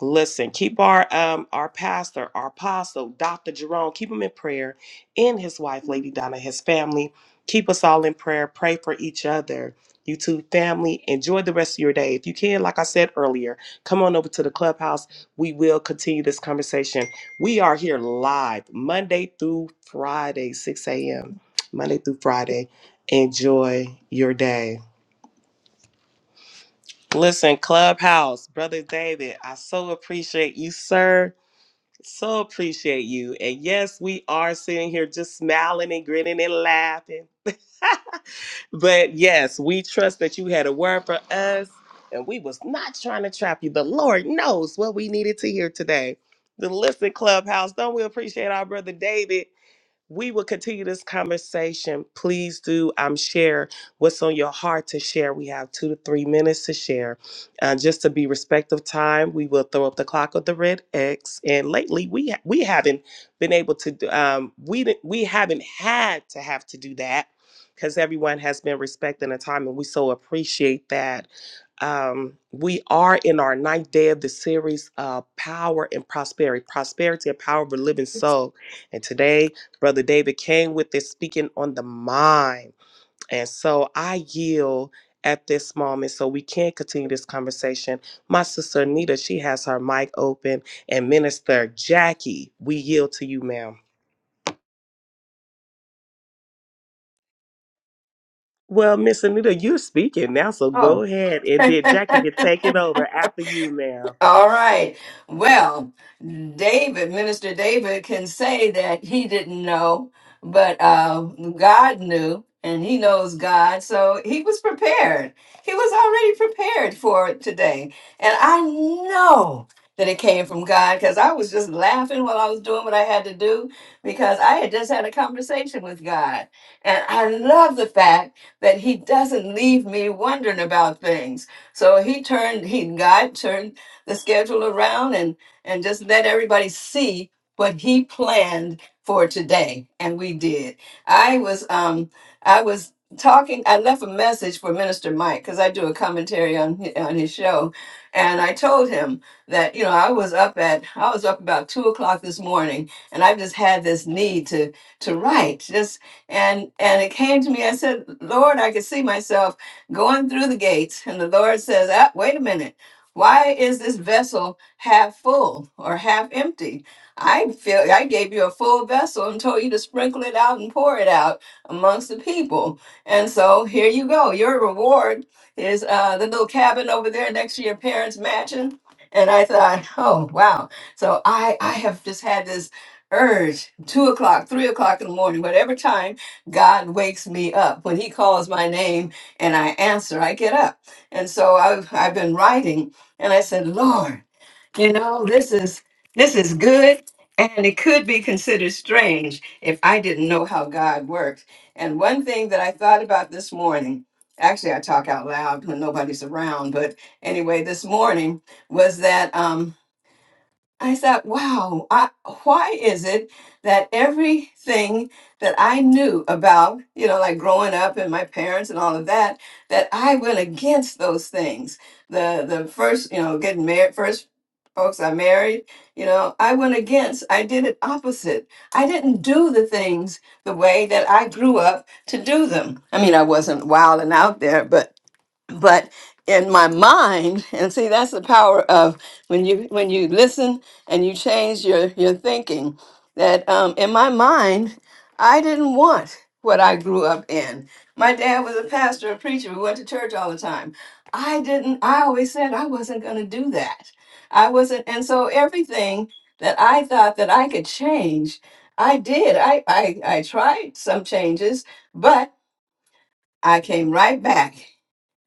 Listen, keep our um our pastor, our apostle, Dr. Jerome, keep him in prayer, and his wife, Lady Donna, his family. Keep us all in prayer. Pray for each other. You two family, enjoy the rest of your day. If you can, like I said earlier, come on over to the clubhouse. We will continue this conversation. We are here live Monday through Friday, 6 a.m. Monday through Friday. Enjoy your day. Listen, Clubhouse, Brother David, I so appreciate you, sir. So appreciate you. And yes, we are sitting here just smiling and grinning and laughing. But yes, we trust that you had a word for us and we was not trying to trap you, but Lord knows what we needed to hear today. The Listen Clubhouse, don't we appreciate our brother David? We will continue this conversation. Please do um, share what's on your heart to share. We have two to three minutes to share. Uh, just to be respect of time, we will throw up the clock of the red X. And lately, we we haven't been able to. do- Um, we didn't- we haven't had to have to do that because everyone has been respecting the time, and we so appreciate that. Um, we are in our ninth day of the series, uh, power and prosperity, prosperity and power of a living soul. And today Brother David came with this speaking on the mind. And so I yield at this moment so we can continue this conversation. My sister Anita, she has her mic open. And Minister Jackie, we yield to you, ma'am. Well, Miss Anita, you're speaking now, so
Oh,
go ahead. And then Jackie can take it over after you, ma'am.
All right. Well, David, Minister David, can say that he didn't know, but uh, God knew, and he knows God. So he was prepared. He was already prepared for today. And I know that it came from God because I was just laughing while I was doing what I had to do because I had just had a conversation with God. And I love the fact that he doesn't leave me wondering about things. So he turned, he God turned the schedule around and and just let everybody see what he planned for today and we did i was um i was talking i left a message for minister mike because i do a commentary on hi- on his show and i told him that you know i was up at i was up about two o'clock this morning and i just had this need to to write just and and it came to me i said lord i could see myself going through the gates and the lord says ah, wait a minute why is this vessel half full or half empty? I feel I gave you a full vessel and told you to sprinkle it out and pour it out amongst the people. And so here you go. Your reward is uh, the little cabin over there next to your parents' mansion. And I thought, oh wow. So I I have just had this urge, two o'clock, three o'clock in the morning, whatever time God wakes me up. When he calls my name and I answer, I get up. And so I've I've been writing and I said, Lord, you know, this is this is good. And it could be considered strange if I didn't know how God works. And one thing that I thought about this morning, actually I talk out loud when nobody's around, but anyway, this morning was that um, I thought, wow, I, why is it that everything that I knew about, you know, like growing up and my parents and all of that, that I went against those things. The the first, you know, getting married, first folks I married, you know, I went against. I did it opposite. I didn't do the things the way that I grew up to do them. I mean, I wasn't wild and out there, but but in my mind and see that's the power of when you when you listen and you change your your thinking that um, in my mind i didn't want what i grew up in my dad was a pastor a preacher we went to church all the time i didn't i always said i wasn't going to do that i wasn't and so everything that i thought that i could change i did i i, I tried some changes but i came right back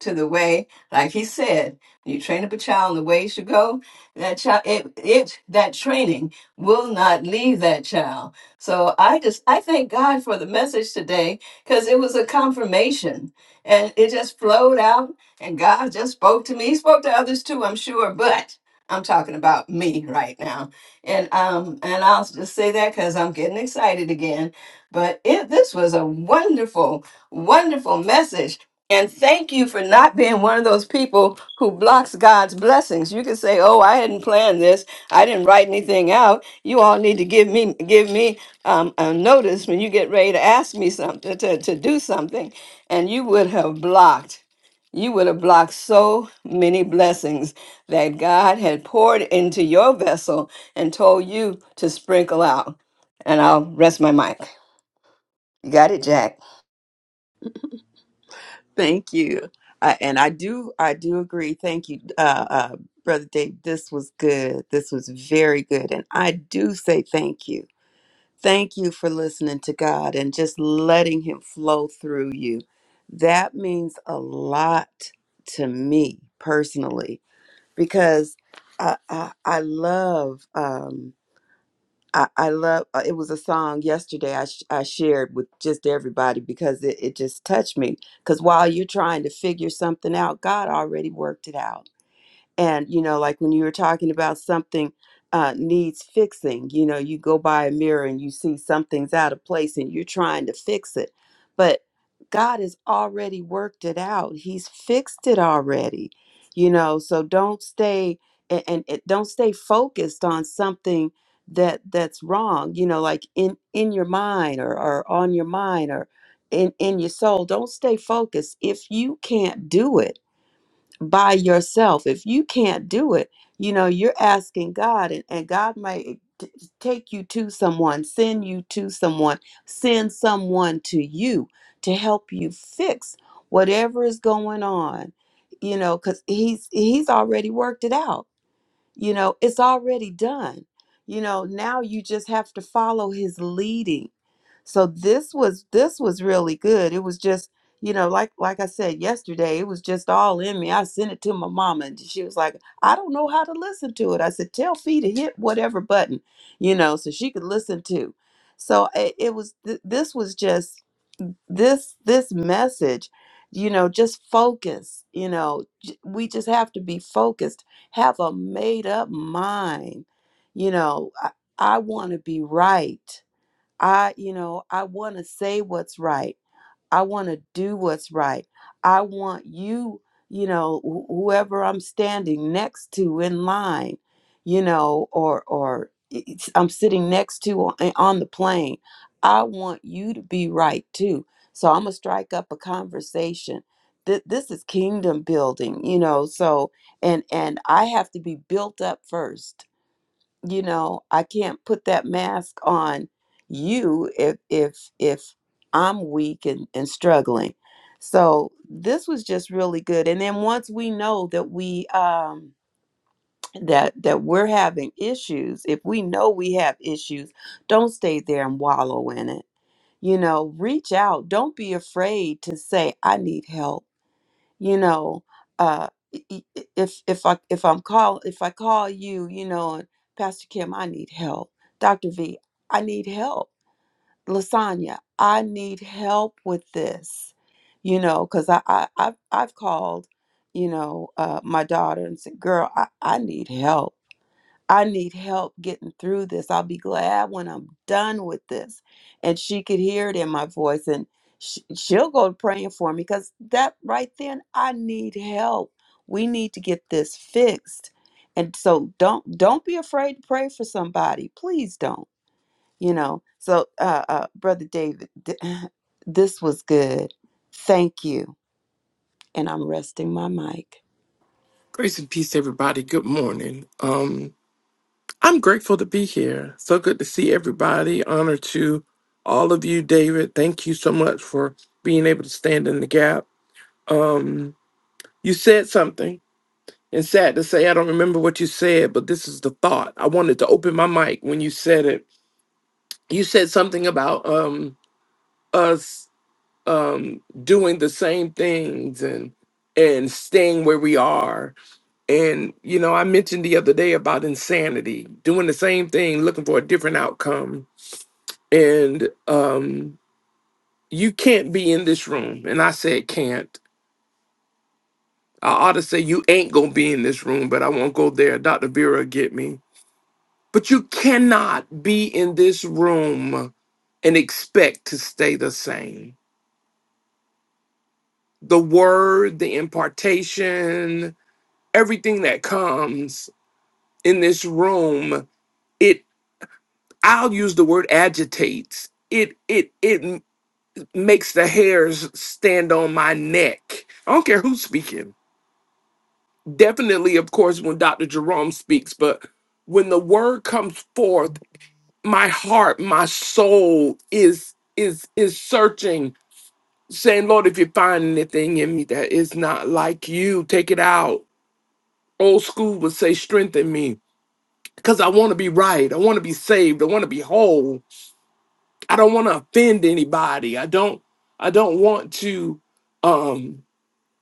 to the way, like he said, you train up a child in the way he should go, that child it, it that training will not leave that child. So I just I thank God for the message today because it was a confirmation and it just flowed out and God just spoke to me. He spoke to others too, I'm sure, but I'm talking about me right now. And um and I'll just say that because I'm getting excited again. But it this was a wonderful, wonderful message and thank you for not being one of those people who blocks God's blessings. You can say, "Oh, I hadn't planned this. I didn't write anything out." You all need to give me give me um, a notice when you get ready to ask me something to, to do something, and you would have blocked. You would have blocked so many blessings that God had poured into your vessel and told you to sprinkle out. And I'll rest my mic. You got it, Jack.
Thank you. I, and I do I do agree. Thank you, uh, uh, Brother Dave. This was good. This was very good. And I do say thank you. Thank you for listening to God and just letting Him flow through you. That means a lot to me personally because I I, I love. Um, I, I love uh, it was a song yesterday I, sh- I shared with just everybody because it, it just touched me because while you're trying to figure something out god already worked it out and you know like when you were talking about something uh, needs fixing you know you go by a mirror and you see something's out of place and you're trying to fix it but god has already worked it out he's fixed it already you know so don't stay and, and it, don't stay focused on something that that's wrong you know like in in your mind or, or on your mind or in in your soul don't stay focused if you can't do it by yourself. If you can't do it, you know, you're asking God, and, and God might eh, t- take you to someone, send you to someone, send someone to you to help you fix whatever is going on, you know, because he's he's already worked it out. You know, it's already done. You know, now you just have to follow his leading so this was this was really good. It was just, you know, like like I said yesterday, it was just all in me. I sent it to my mama and she was like, "I don't know how to listen to it." I said, "Tell Fee to hit whatever button, you know, so she could listen to." So it, it was th- this was just this this message, you know, just focus, you know, j- we just have to be focused, have a made up mind. You know, I, I want to be right I, you know, I want to say what's right. I want to do what's right. I want you, you know, wh- whoever I'm standing next to in line, you know, or or it's- I'm sitting next to on, on the plane. I want you to be right too. So I'm gonna strike up a conversation. Th- this is kingdom building, you know. So and and I have to be built up first you know i can't put that mask on you if if if i'm weak and, and struggling so this was just really good and then once we know that we um that that we're having issues if we know we have issues don't stay there and wallow in it you know reach out don't be afraid to say i need help you know uh i- i- if if i if i'm call if i call you you know and pastor kim i need help dr v i need help lasagna i need help with this you know because I, I i've i've called you know uh my daughter and said girl i i need help I need help getting through this. I'll be glad when I'm done with this. And she could hear it in my voice and sh- she'll go praying for me because that right then, I need help. We need to get this fixed. And so don't don't be afraid to pray for somebody. Please don't. You know. So uh, uh brother David, th- this was good. Thank you. And I'm resting my mic.
Grace and peace, everybody. Good morning. Um, I'm grateful to be here. So good to see everybody. Honor to all of you, David. Thank you so much for being able to stand in the gap. Um, you said something. And sad to say I don't remember what you said, but this is the thought. I wanted to open my mic when you said it. You said something about um us um doing the same things and and staying where we are. And you know, I mentioned the other day about insanity, doing the same thing, looking for a different outcome. And um you can't be in this room. And I said can't. I ought to say you ain't gonna be in this room, but I won't go there. Dr. Vera get me But you cannot be in this room and expect to stay the same. The word, the impartation, everything that comes in this room, it I'll use the word agitates. It it it makes the hairs stand on my neck. I don't care who's speaking. Definitely, of course, when Dr. Jerome speaks, but when the word comes forth, my heart, my soul is is is searching saying, Lord, if you find anything in me that is not like you, take it out. Old school would say, strengthen me because I want to be right. I want to be saved. I want to be whole. I don't want to offend anybody. I don't, I don't want to um,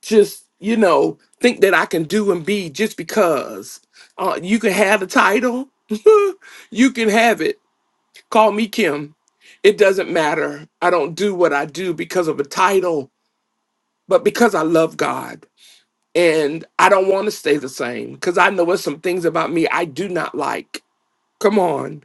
just, you know, think that I can do and be just because uh, you can have a title. you can have it. Call me Kim. It doesn't matter. I don't do what I do because of a title, but because I love God. and I don't want to stay the same because I know there's some things about me I do not like. Come on.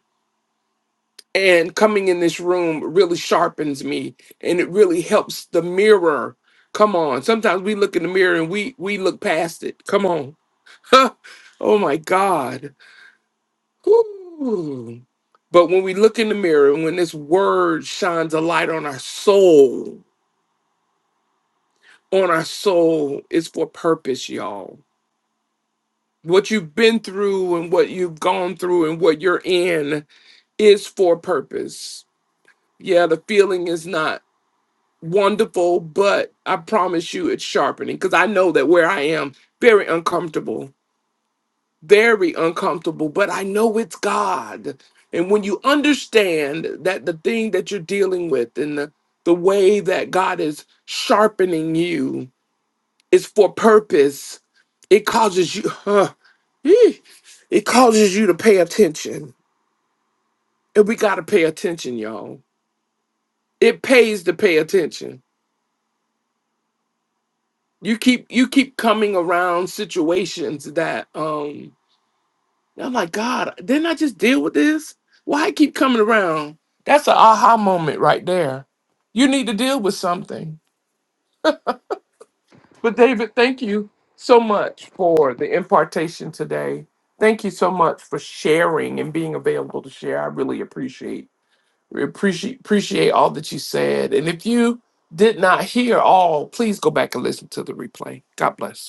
And coming in this room really sharpens me and it really helps the mirror. Come on. Sometimes we look in the mirror and we we look past it. Come on. oh my God. Whew. But when we look in the mirror and when this word shines a light on our soul, on our soul is for purpose, y'all what you've been through and what you've gone through and what you're in is for purpose. Yeah, the feeling is not wonderful, but I promise you it's sharpening because I know that where I am, very uncomfortable, very uncomfortable, but I know it's God. And when you understand that the thing that you're dealing with and the, the way that God is sharpening you is for purpose, it causes you Eh, It causes you to pay attention. And we gotta pay attention, y'all. It pays to pay attention. You keep you keep coming around situations that um I'm like, God, didn't I just deal with this? Why I keep coming around? That's an aha moment right there. You need to deal with something. But David, thank you so much for the impartation today. Thank you so much for sharing and being available to share. I really appreciate We appreciate appreciate all that you said. And if you did not hear all, please go back and listen to the replay. God bless.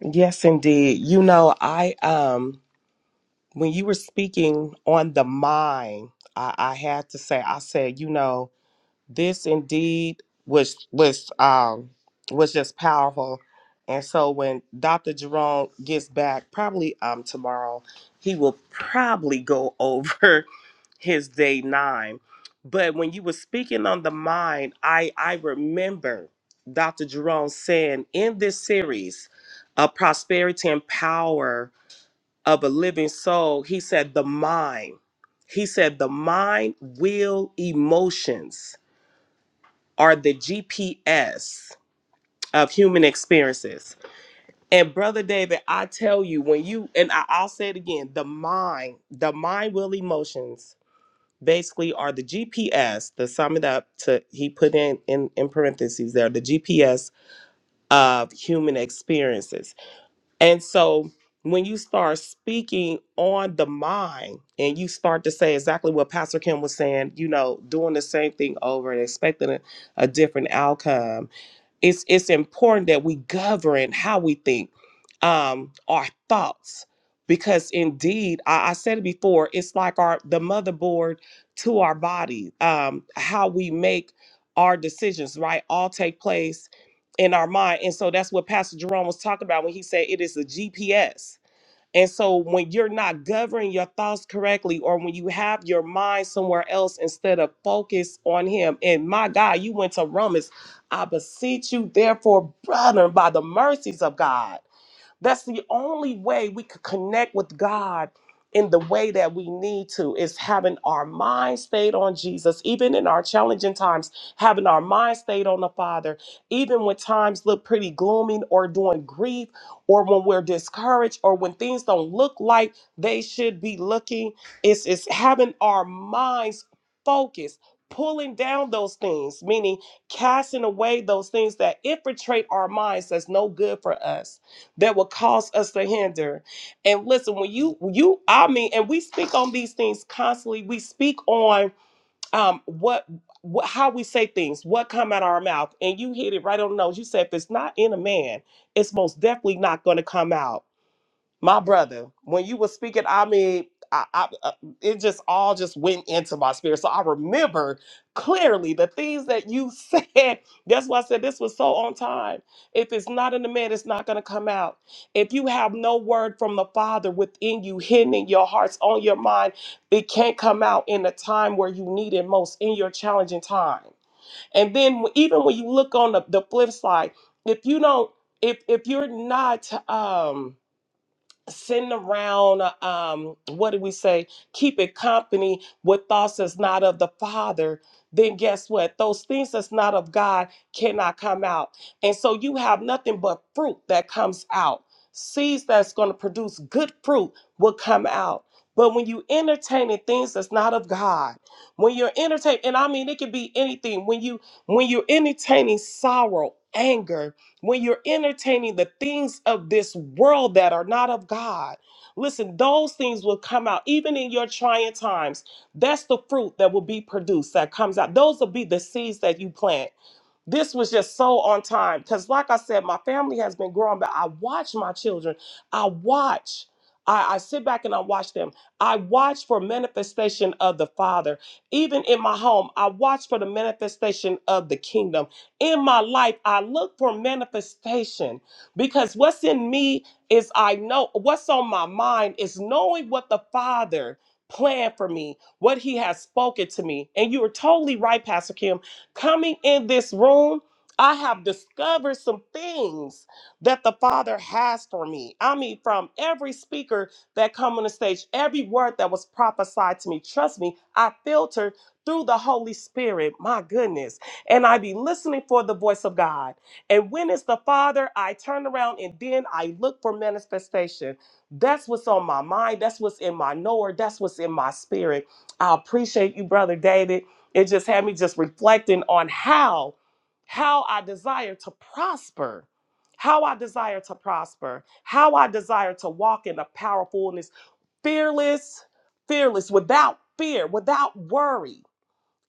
Yes, indeed. You know, I um when you were speaking on the mind, I, I had to say, I said, you know, this indeed was was um was just powerful and so when dr jerome gets back probably um tomorrow he will probably go over his day nine but when you were speaking on the mind i i remember dr jerome saying in this series a prosperity and power of a living soul he said the mind he said the mind will emotions are the GPS of human experiences. And brother David, I tell you, when you and I, I'll say it again, the mind, the mind will emotions basically are the GPS to sum it up to he put in in, in parentheses there, the GPS of human experiences. And so when you start speaking on the mind and you start to say exactly what Pastor Kim was saying, you know, doing the same thing over and expecting a, a different outcome, it's it's important that we govern how we think um our thoughts because indeed I, I said it before it's like our the motherboard to our body um how we make our decisions right all take place in our mind and so that's what pastor jerome was talking about when he said it is a gps and so when you're not governing your thoughts correctly, or when you have your mind somewhere else instead of focus on him, and my God, you went to Romans. I beseech you, therefore, brethren, by the mercies of God. That's the only way we could connect with God in the way that we need to is having our mind stayed on Jesus, even in our challenging times, having our mind stayed on the Father, even when times look pretty gloomy or during grief or when we're discouraged or when things don't look like they should be looking. It's, it's having our minds focused, pulling down those things, meaning casting away those things that infiltrate our minds that's no good for us that will cause us to hinder. And listen, when you you I mean, and we speak on these things constantly. We speak on um what, what how we say things, what come out of our mouth, and you hit it right on the nose. You said if it's not in a man, it's most definitely not going to come out my brother, when you were speaking, I mean, I, I, uh, it just all just went into my spirit. So I remember clearly the things that you said. That's why I said this was so on time. If it's not in the man, it's not going to come out. If you have no word from the Father within you, hidden in your hearts, on your mind, it can't come out in the time where you need it most, in your challenging time. And then even when you look on the, the flip side, if you don't, if if you're not, um, sitting around uh, um what did we say keep it company with thoughts that's not of the father then guess what those things that's not of god cannot come out and so you have nothing but fruit that comes out seeds that's going to produce good fruit will come out but when you entertaining things that's not of god when you're entertaining and i mean it can be anything when you when you're entertaining sorrow anger when you're entertaining the things of this world that are not of God, listen, those things will come out even in your trying times. That's the fruit that will be produced that comes out. Those will be the seeds that you plant. This was just so on time because, like I said, my family has been growing, but I watch my children. I watch. I, I sit back and I watch them. I watch for manifestation of the Father. Even in my home, I watch for the manifestation of the kingdom. In my life, I look for manifestation because what's in me is I know what's on my mind is knowing what the Father planned for me, what He has spoken to me. And you were totally right, Pastor Kim Coming in this room, I have discovered some things that the Father has for me. I mean, from every speaker that come on the stage, every word that was prophesied to me, trust me, I filtered through the Holy Spirit. My goodness. And I be listening for the voice of God. And when it's the Father, I turn around and then I look for manifestation. That's what's on my mind. That's what's in my knower. That's what's in my spirit. I appreciate you, Brother David. It just had me just reflecting on how how I desire to prosper, how I desire to prosper, how I desire to walk in a powerfulness, fearless, fearless, without fear, without worry.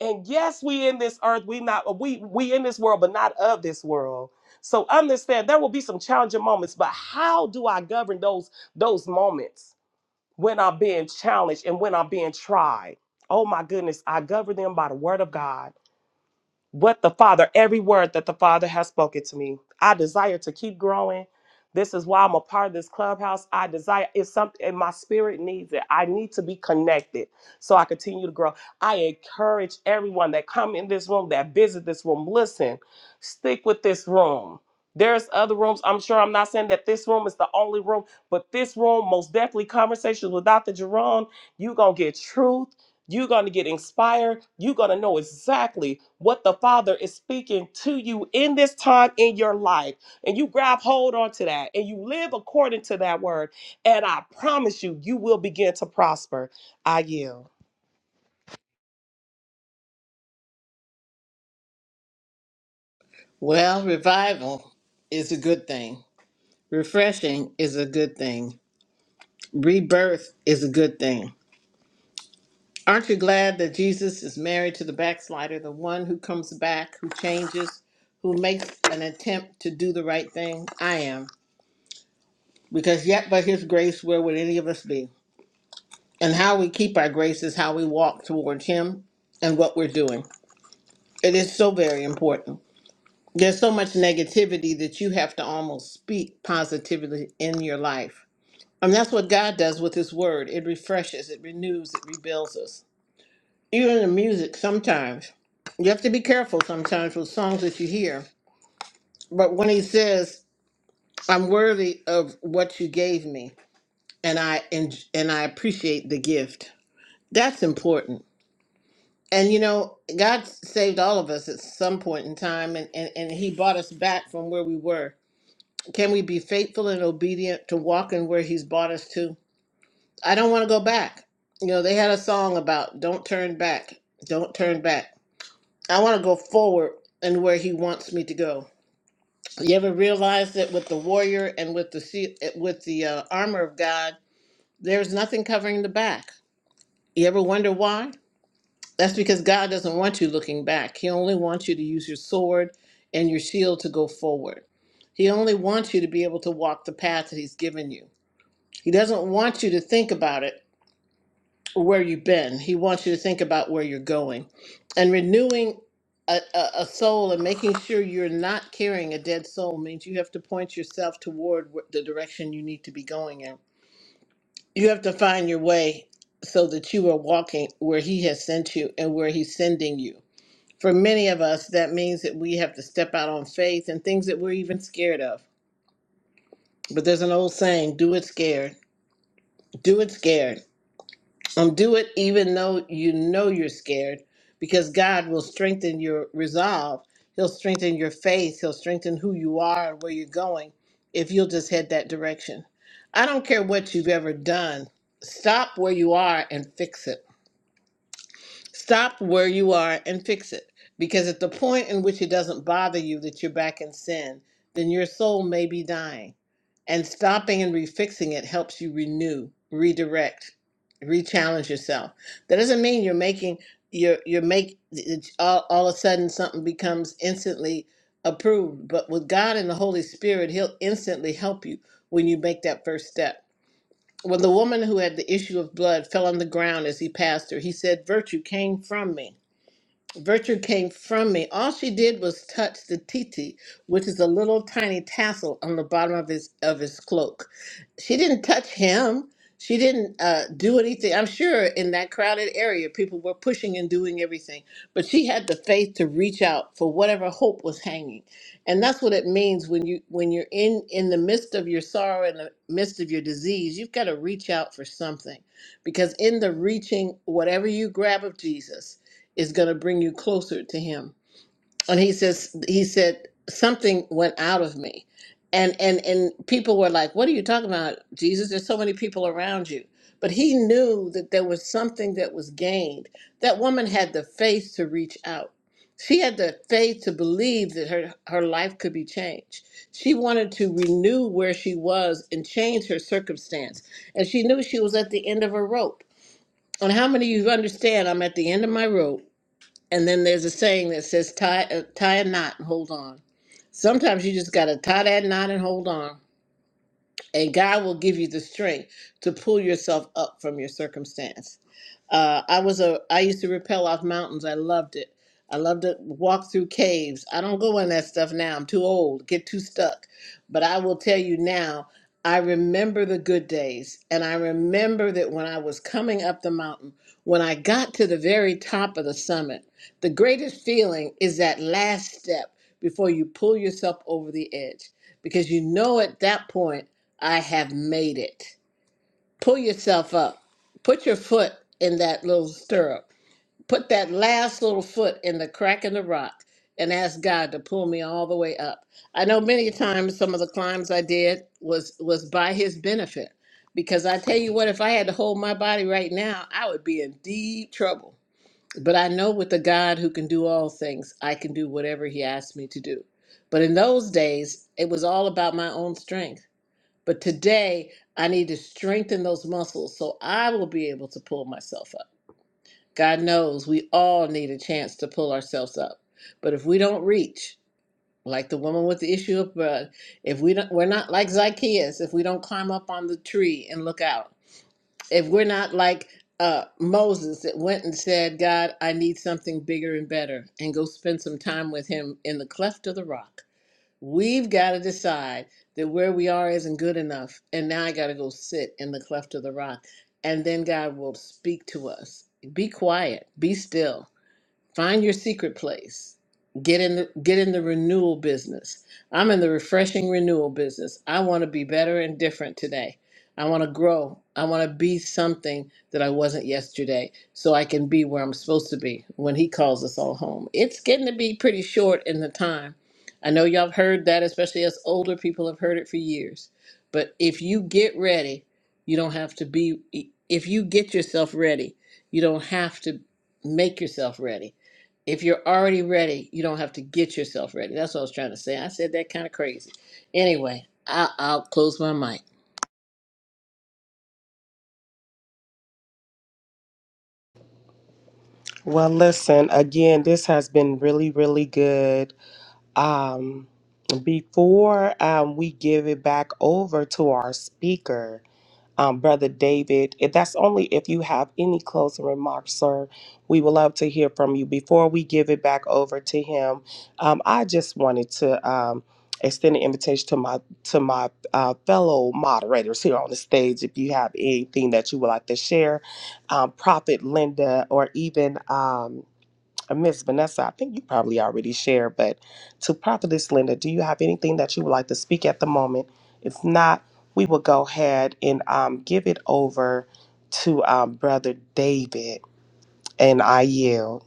And yes, we in this earth, we not we we in this world, but not of this world. So understand there will be some challenging moments, but how do I govern those those moments when I'm being challenged and when I'm being tried? Oh my goodness, I govern them by the word of God what the Father, every word that the Father has spoken to me. I desire to keep growing. This is why I'm a part of this clubhouse. I desire it's something and my spirit needs it. I need to be connected so I continue to grow. I encourage everyone that come in this room, that visit this room, listen, stick with this room. There's other rooms. I'm sure I'm not saying that this room is the only room, but this room, most definitely conversations with Dr. Jerome, you gonna get truth you're going to get inspired. You're going to know exactly what the Father is speaking to you in this time in your life. And you grab hold onto that and you live according to that word. And I promise you, you will begin to prosper. I yield.
Well, revival is a good thing Refreshing is a good thing. Rebirth is a good thing. Aren't you glad that Jesus is married to the backslider, the one who comes back, who changes, who makes an attempt to do the right thing? I am. Because yet by his grace, where would any of us be? And how we keep our grace is how we walk towards him and what we're doing. It is so very important. There's so much negativity that you have to almost speak positively in your life And that's what God does with His Word. It refreshes, it renews, it rebuilds us. Even the music, sometimes you have to be careful sometimes with songs that you hear. But when He says, "I'm worthy of what you gave me, and I and, and I appreciate the gift," that's important. And you know, God saved all of us at some point in time, and, and, and He brought us back from where we were. Can we be faithful and obedient to walk in where He's brought us to? I don't want to go back. You know, they had a song about don't turn back, don't turn back. I want to go forward and where he wants me to go. You ever realize that with the warrior and with the sea- with the uh, armor of God, there's nothing covering the back. You ever wonder why? That's because God doesn't want you looking back. He only wants you to use your sword and your shield to go forward. He only wants you to be able to walk the path that he's given you. He doesn't want you to think about it where you've been. He wants you to think about where you're going. And renewing a, a, a soul and making sure you're not carrying a dead soul means you have to point yourself toward wh- the direction you need to be going in. You have to find your way so that you are walking where He has sent you and where He's sending you. For many of us, that means that we have to step out on faith and things that we're even scared of. But there's an old saying do it scared. Do it scared Um, do it even though you know you're scared, because God will strengthen your resolve. He'll strengthen your faith. He'll strengthen who you are and where you're going if you'll just head that direction. I don't care what you've ever done, stop where you are and fix it. Stop where you are and fix it. Because at the point in which it doesn't bother you that you're back in sin, then your soul may be dying. And stopping and refixing it helps you renew, redirect, re-challenge yourself. That doesn't mean you're making you're you're make it's all, all of a sudden something becomes instantly approved. But with God and the Holy Spirit, He'll instantly help you when you make that first step. When the woman who had the issue of blood fell on the ground as he passed her, he said, Virtue came from me. Virtue came from me. All she did was touch the titi, which is a little tiny tassel on the bottom of his of his cloak. She didn't touch him. She didn't uh, do anything. I'm sure in that crowded area, people were pushing and doing everything, but she had the faith to reach out for whatever hope was hanging, and that's what it means when you when you're in in the midst of your sorrow, in the midst of your disease, you've got to reach out for something, because in the reaching, whatever you grab of Jesus is going to bring you closer to him and he says he said something went out of me and and and people were like what are you talking about jesus there's so many people around you but he knew that there was something that was gained that woman had the faith to reach out she had the faith to believe that her, her life could be changed. She wanted to renew where she was and change her circumstance. And she knew she was at the end of her rope. And how many of you understand I'm at the end of my rope? And then there's a saying that says tie uh, tie a knot and hold on. Sometimes you just gotta tie that knot and hold on and God will give you the strength to pull yourself up from your circumstance. Uh, I was a I used to rappel off mountains. I loved it. I loved to walk through caves. I don't go in that stuff now. I'm too old, get too stuck. But I will tell you now, I remember the good days. And I remember that when I was coming up the mountain, when I got to the very top of the summit, the greatest feeling is that last step before you pull yourself over the edge. Because you know at that point, I have made it. Pull yourself up. Put your foot in that little stirrup. Put that last little foot in the crack in the rock and ask God to pull me all the way up. I know many times some of the climbs I did was was by his benefit because I tell you what if I had to hold my body right now, I would be in deep trouble. But I know with the God who can do all things, I can do whatever he asks me to do. But in those days, it was all about my own strength. But today, I need to strengthen those muscles so I will be able to pull myself up. God knows we all need a chance to pull ourselves up. But if we don't reach, like the woman with the issue of blood, if we don't, we're not like Zacchaeus, if we don't climb up on the tree and look out, if we're not like uh, Moses that went and said, God, I need something bigger and better, and go spend some time with him in the cleft of the rock We've got to decide that where we are isn't good enough. And now I got to go sit in the cleft of the rock. And then God will speak to us. Be quiet, be still. Find your secret place. Get in the get in the renewal business. I'm in the refreshing renewal business. I want to be better and different today. I want to grow. I want to be something that I wasn't yesterday so I can be where I'm supposed to be when he calls us all home. It's getting to be pretty short in the time. I know y'all have heard that, especially us older people have heard it for years. But if you get ready, you don't have to be, if you get yourself ready, you don't have to make yourself ready. If you're already ready, you don't have to get yourself ready. That's what I was trying to say. I said that kind of crazy. Anyway, I'll, I'll close my mic.
Well, listen, again, this has been really, really good. Um, before um, we give it back over to our speaker, um, Brother David. If that's only if you have any closing remarks, sir. We would love to hear from you. Before we give it back over to him, um, I just wanted to um, extend an invitation to my to my uh, fellow moderators here on the stage. If you have anything that you would like to share, um, Prophet Linda, or even. Um, uh, Miss Vanessa, I think you probably already shared, but to Prophetess Linda, do you have anything that you would like to speak at the moment? If not, we will go ahead and um, give it over to um, Brother David, and I yield.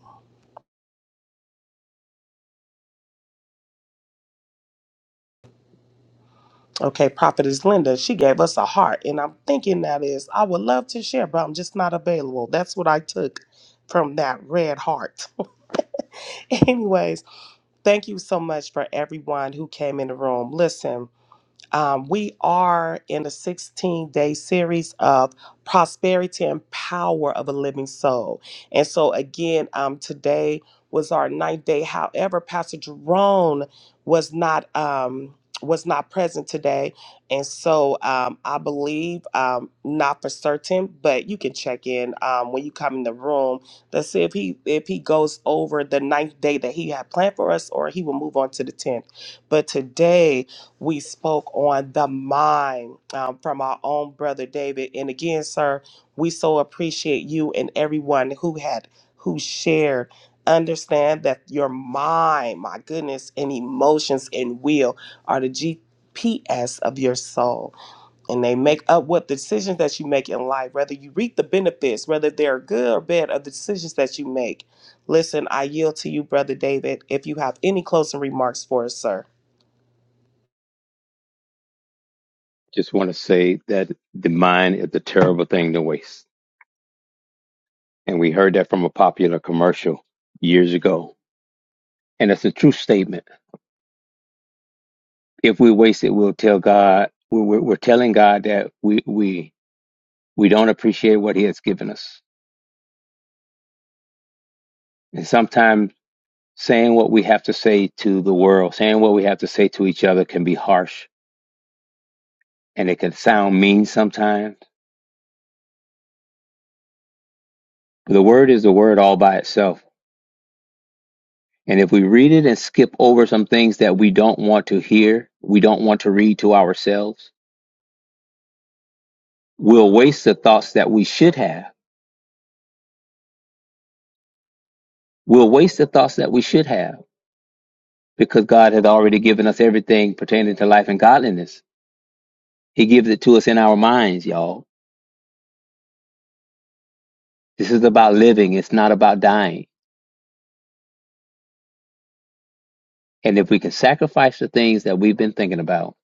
Okay, Prophetess Linda, she gave us a heart, and I'm thinking that is, I would love to share, but I'm just not available. That's what I took from that red heart. Anyways, thank you so much for everyone who came in the room. Listen. Um, we are in a 16 day series of prosperity and power of a living soul. And so, again, um, today was our ninth day. However, Pastor Jerome was not. Um, was not present today, and so um, I believe um, not for certain, but you can check in um, when you come in the room. Let's see if he if he goes over the ninth day that he had planned for us, or he will move on to the tenth. But today, we spoke on the mind um, from our own brother David. And again, sir, we so appreciate you and everyone who had who shared. Understand that your mind, my goodness, and emotions and will are the GPS of your soul, and they make up what decisions that you make in life. Whether you reap the benefits, whether they're good or bad, of the decisions that you make. Listen, I yield to you, brother David. If you have any closing remarks for us, sir.
Just want to say that the mind is a terrible thing to waste. And we heard that from a popular commercial years ago. And it's a true statement. If we waste it, we'll tell God, we're, we're we're telling God that we, we, we don't appreciate what He has given us. And sometimes saying what we have to say to the world, saying what we have to say to each other can be harsh and it can sound mean sometimes. The word is the word all by itself And if we read it and skip over some things that we don't want to hear, we don't want to read to ourselves, we'll waste the thoughts that we should have. We'll waste the thoughts that we should have because God has already given us everything pertaining to life and godliness. He gives it to us in our minds, y'all. This is about living. It's not about dying. And if we can sacrifice the things that we've been thinking about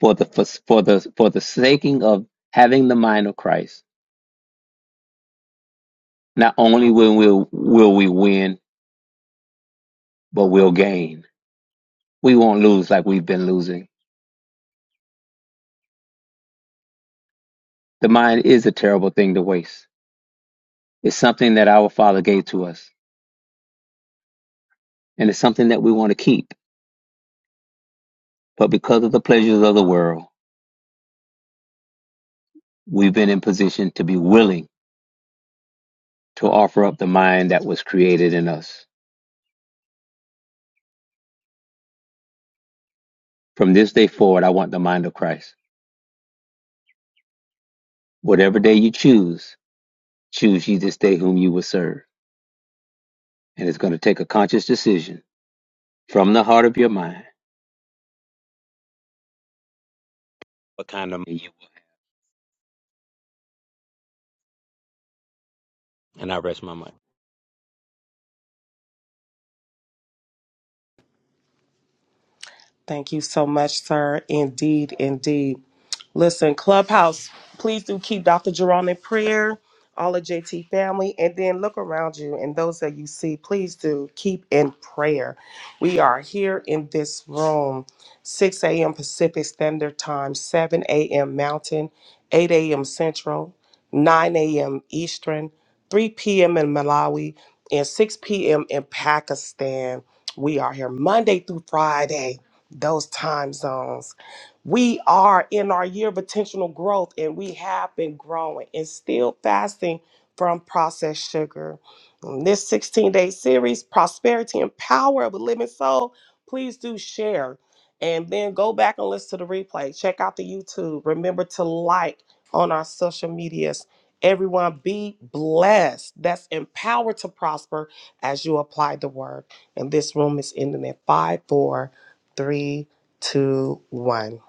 for the, for, for the, for the saking of having the mind of Christ, not only will we, will we win, but we'll gain We won't lose like we've been losing. The mind is a terrible thing to waste. It's something that our Father gave to us, and it's something that we want to keep. But because of the pleasures of the world, we've been in position to be willing to offer up the mind that was created in us. From this day forward, I want the mind of Christ. Whatever day you choose, choose ye this day whom you will serve. And it's going to take a conscious decision from the heart of your mind. What kind of mind? you will. have. And I rest my mind.
Thank you so much, sir. Indeed, indeed. Listen, Clubhouse, please do keep Dr. Jerron in prayer, all of JT family, and then look around you and those that you see, please do keep in prayer. We are here in this room, 6 a.m. Pacific Standard Time, 7 a.m. Mountain, 8 a.m. Central, 9 a.m. Eastern, 3 p.m. in Malawi, and 6 p.m. in Pakistan. We are here Monday through Friday those time zones. We are in our year of intentional growth and we have been growing and still fasting from processed sugar. In this 16 day series, Prosperity and Power of a Living Soul, please do share and then go back and listen to the replay. Check out the YouTube. Remember to like on our social medias. Everyone be blessed. That's empowered to prosper as you apply the word. And this room is ending at 5 4 three, two, one.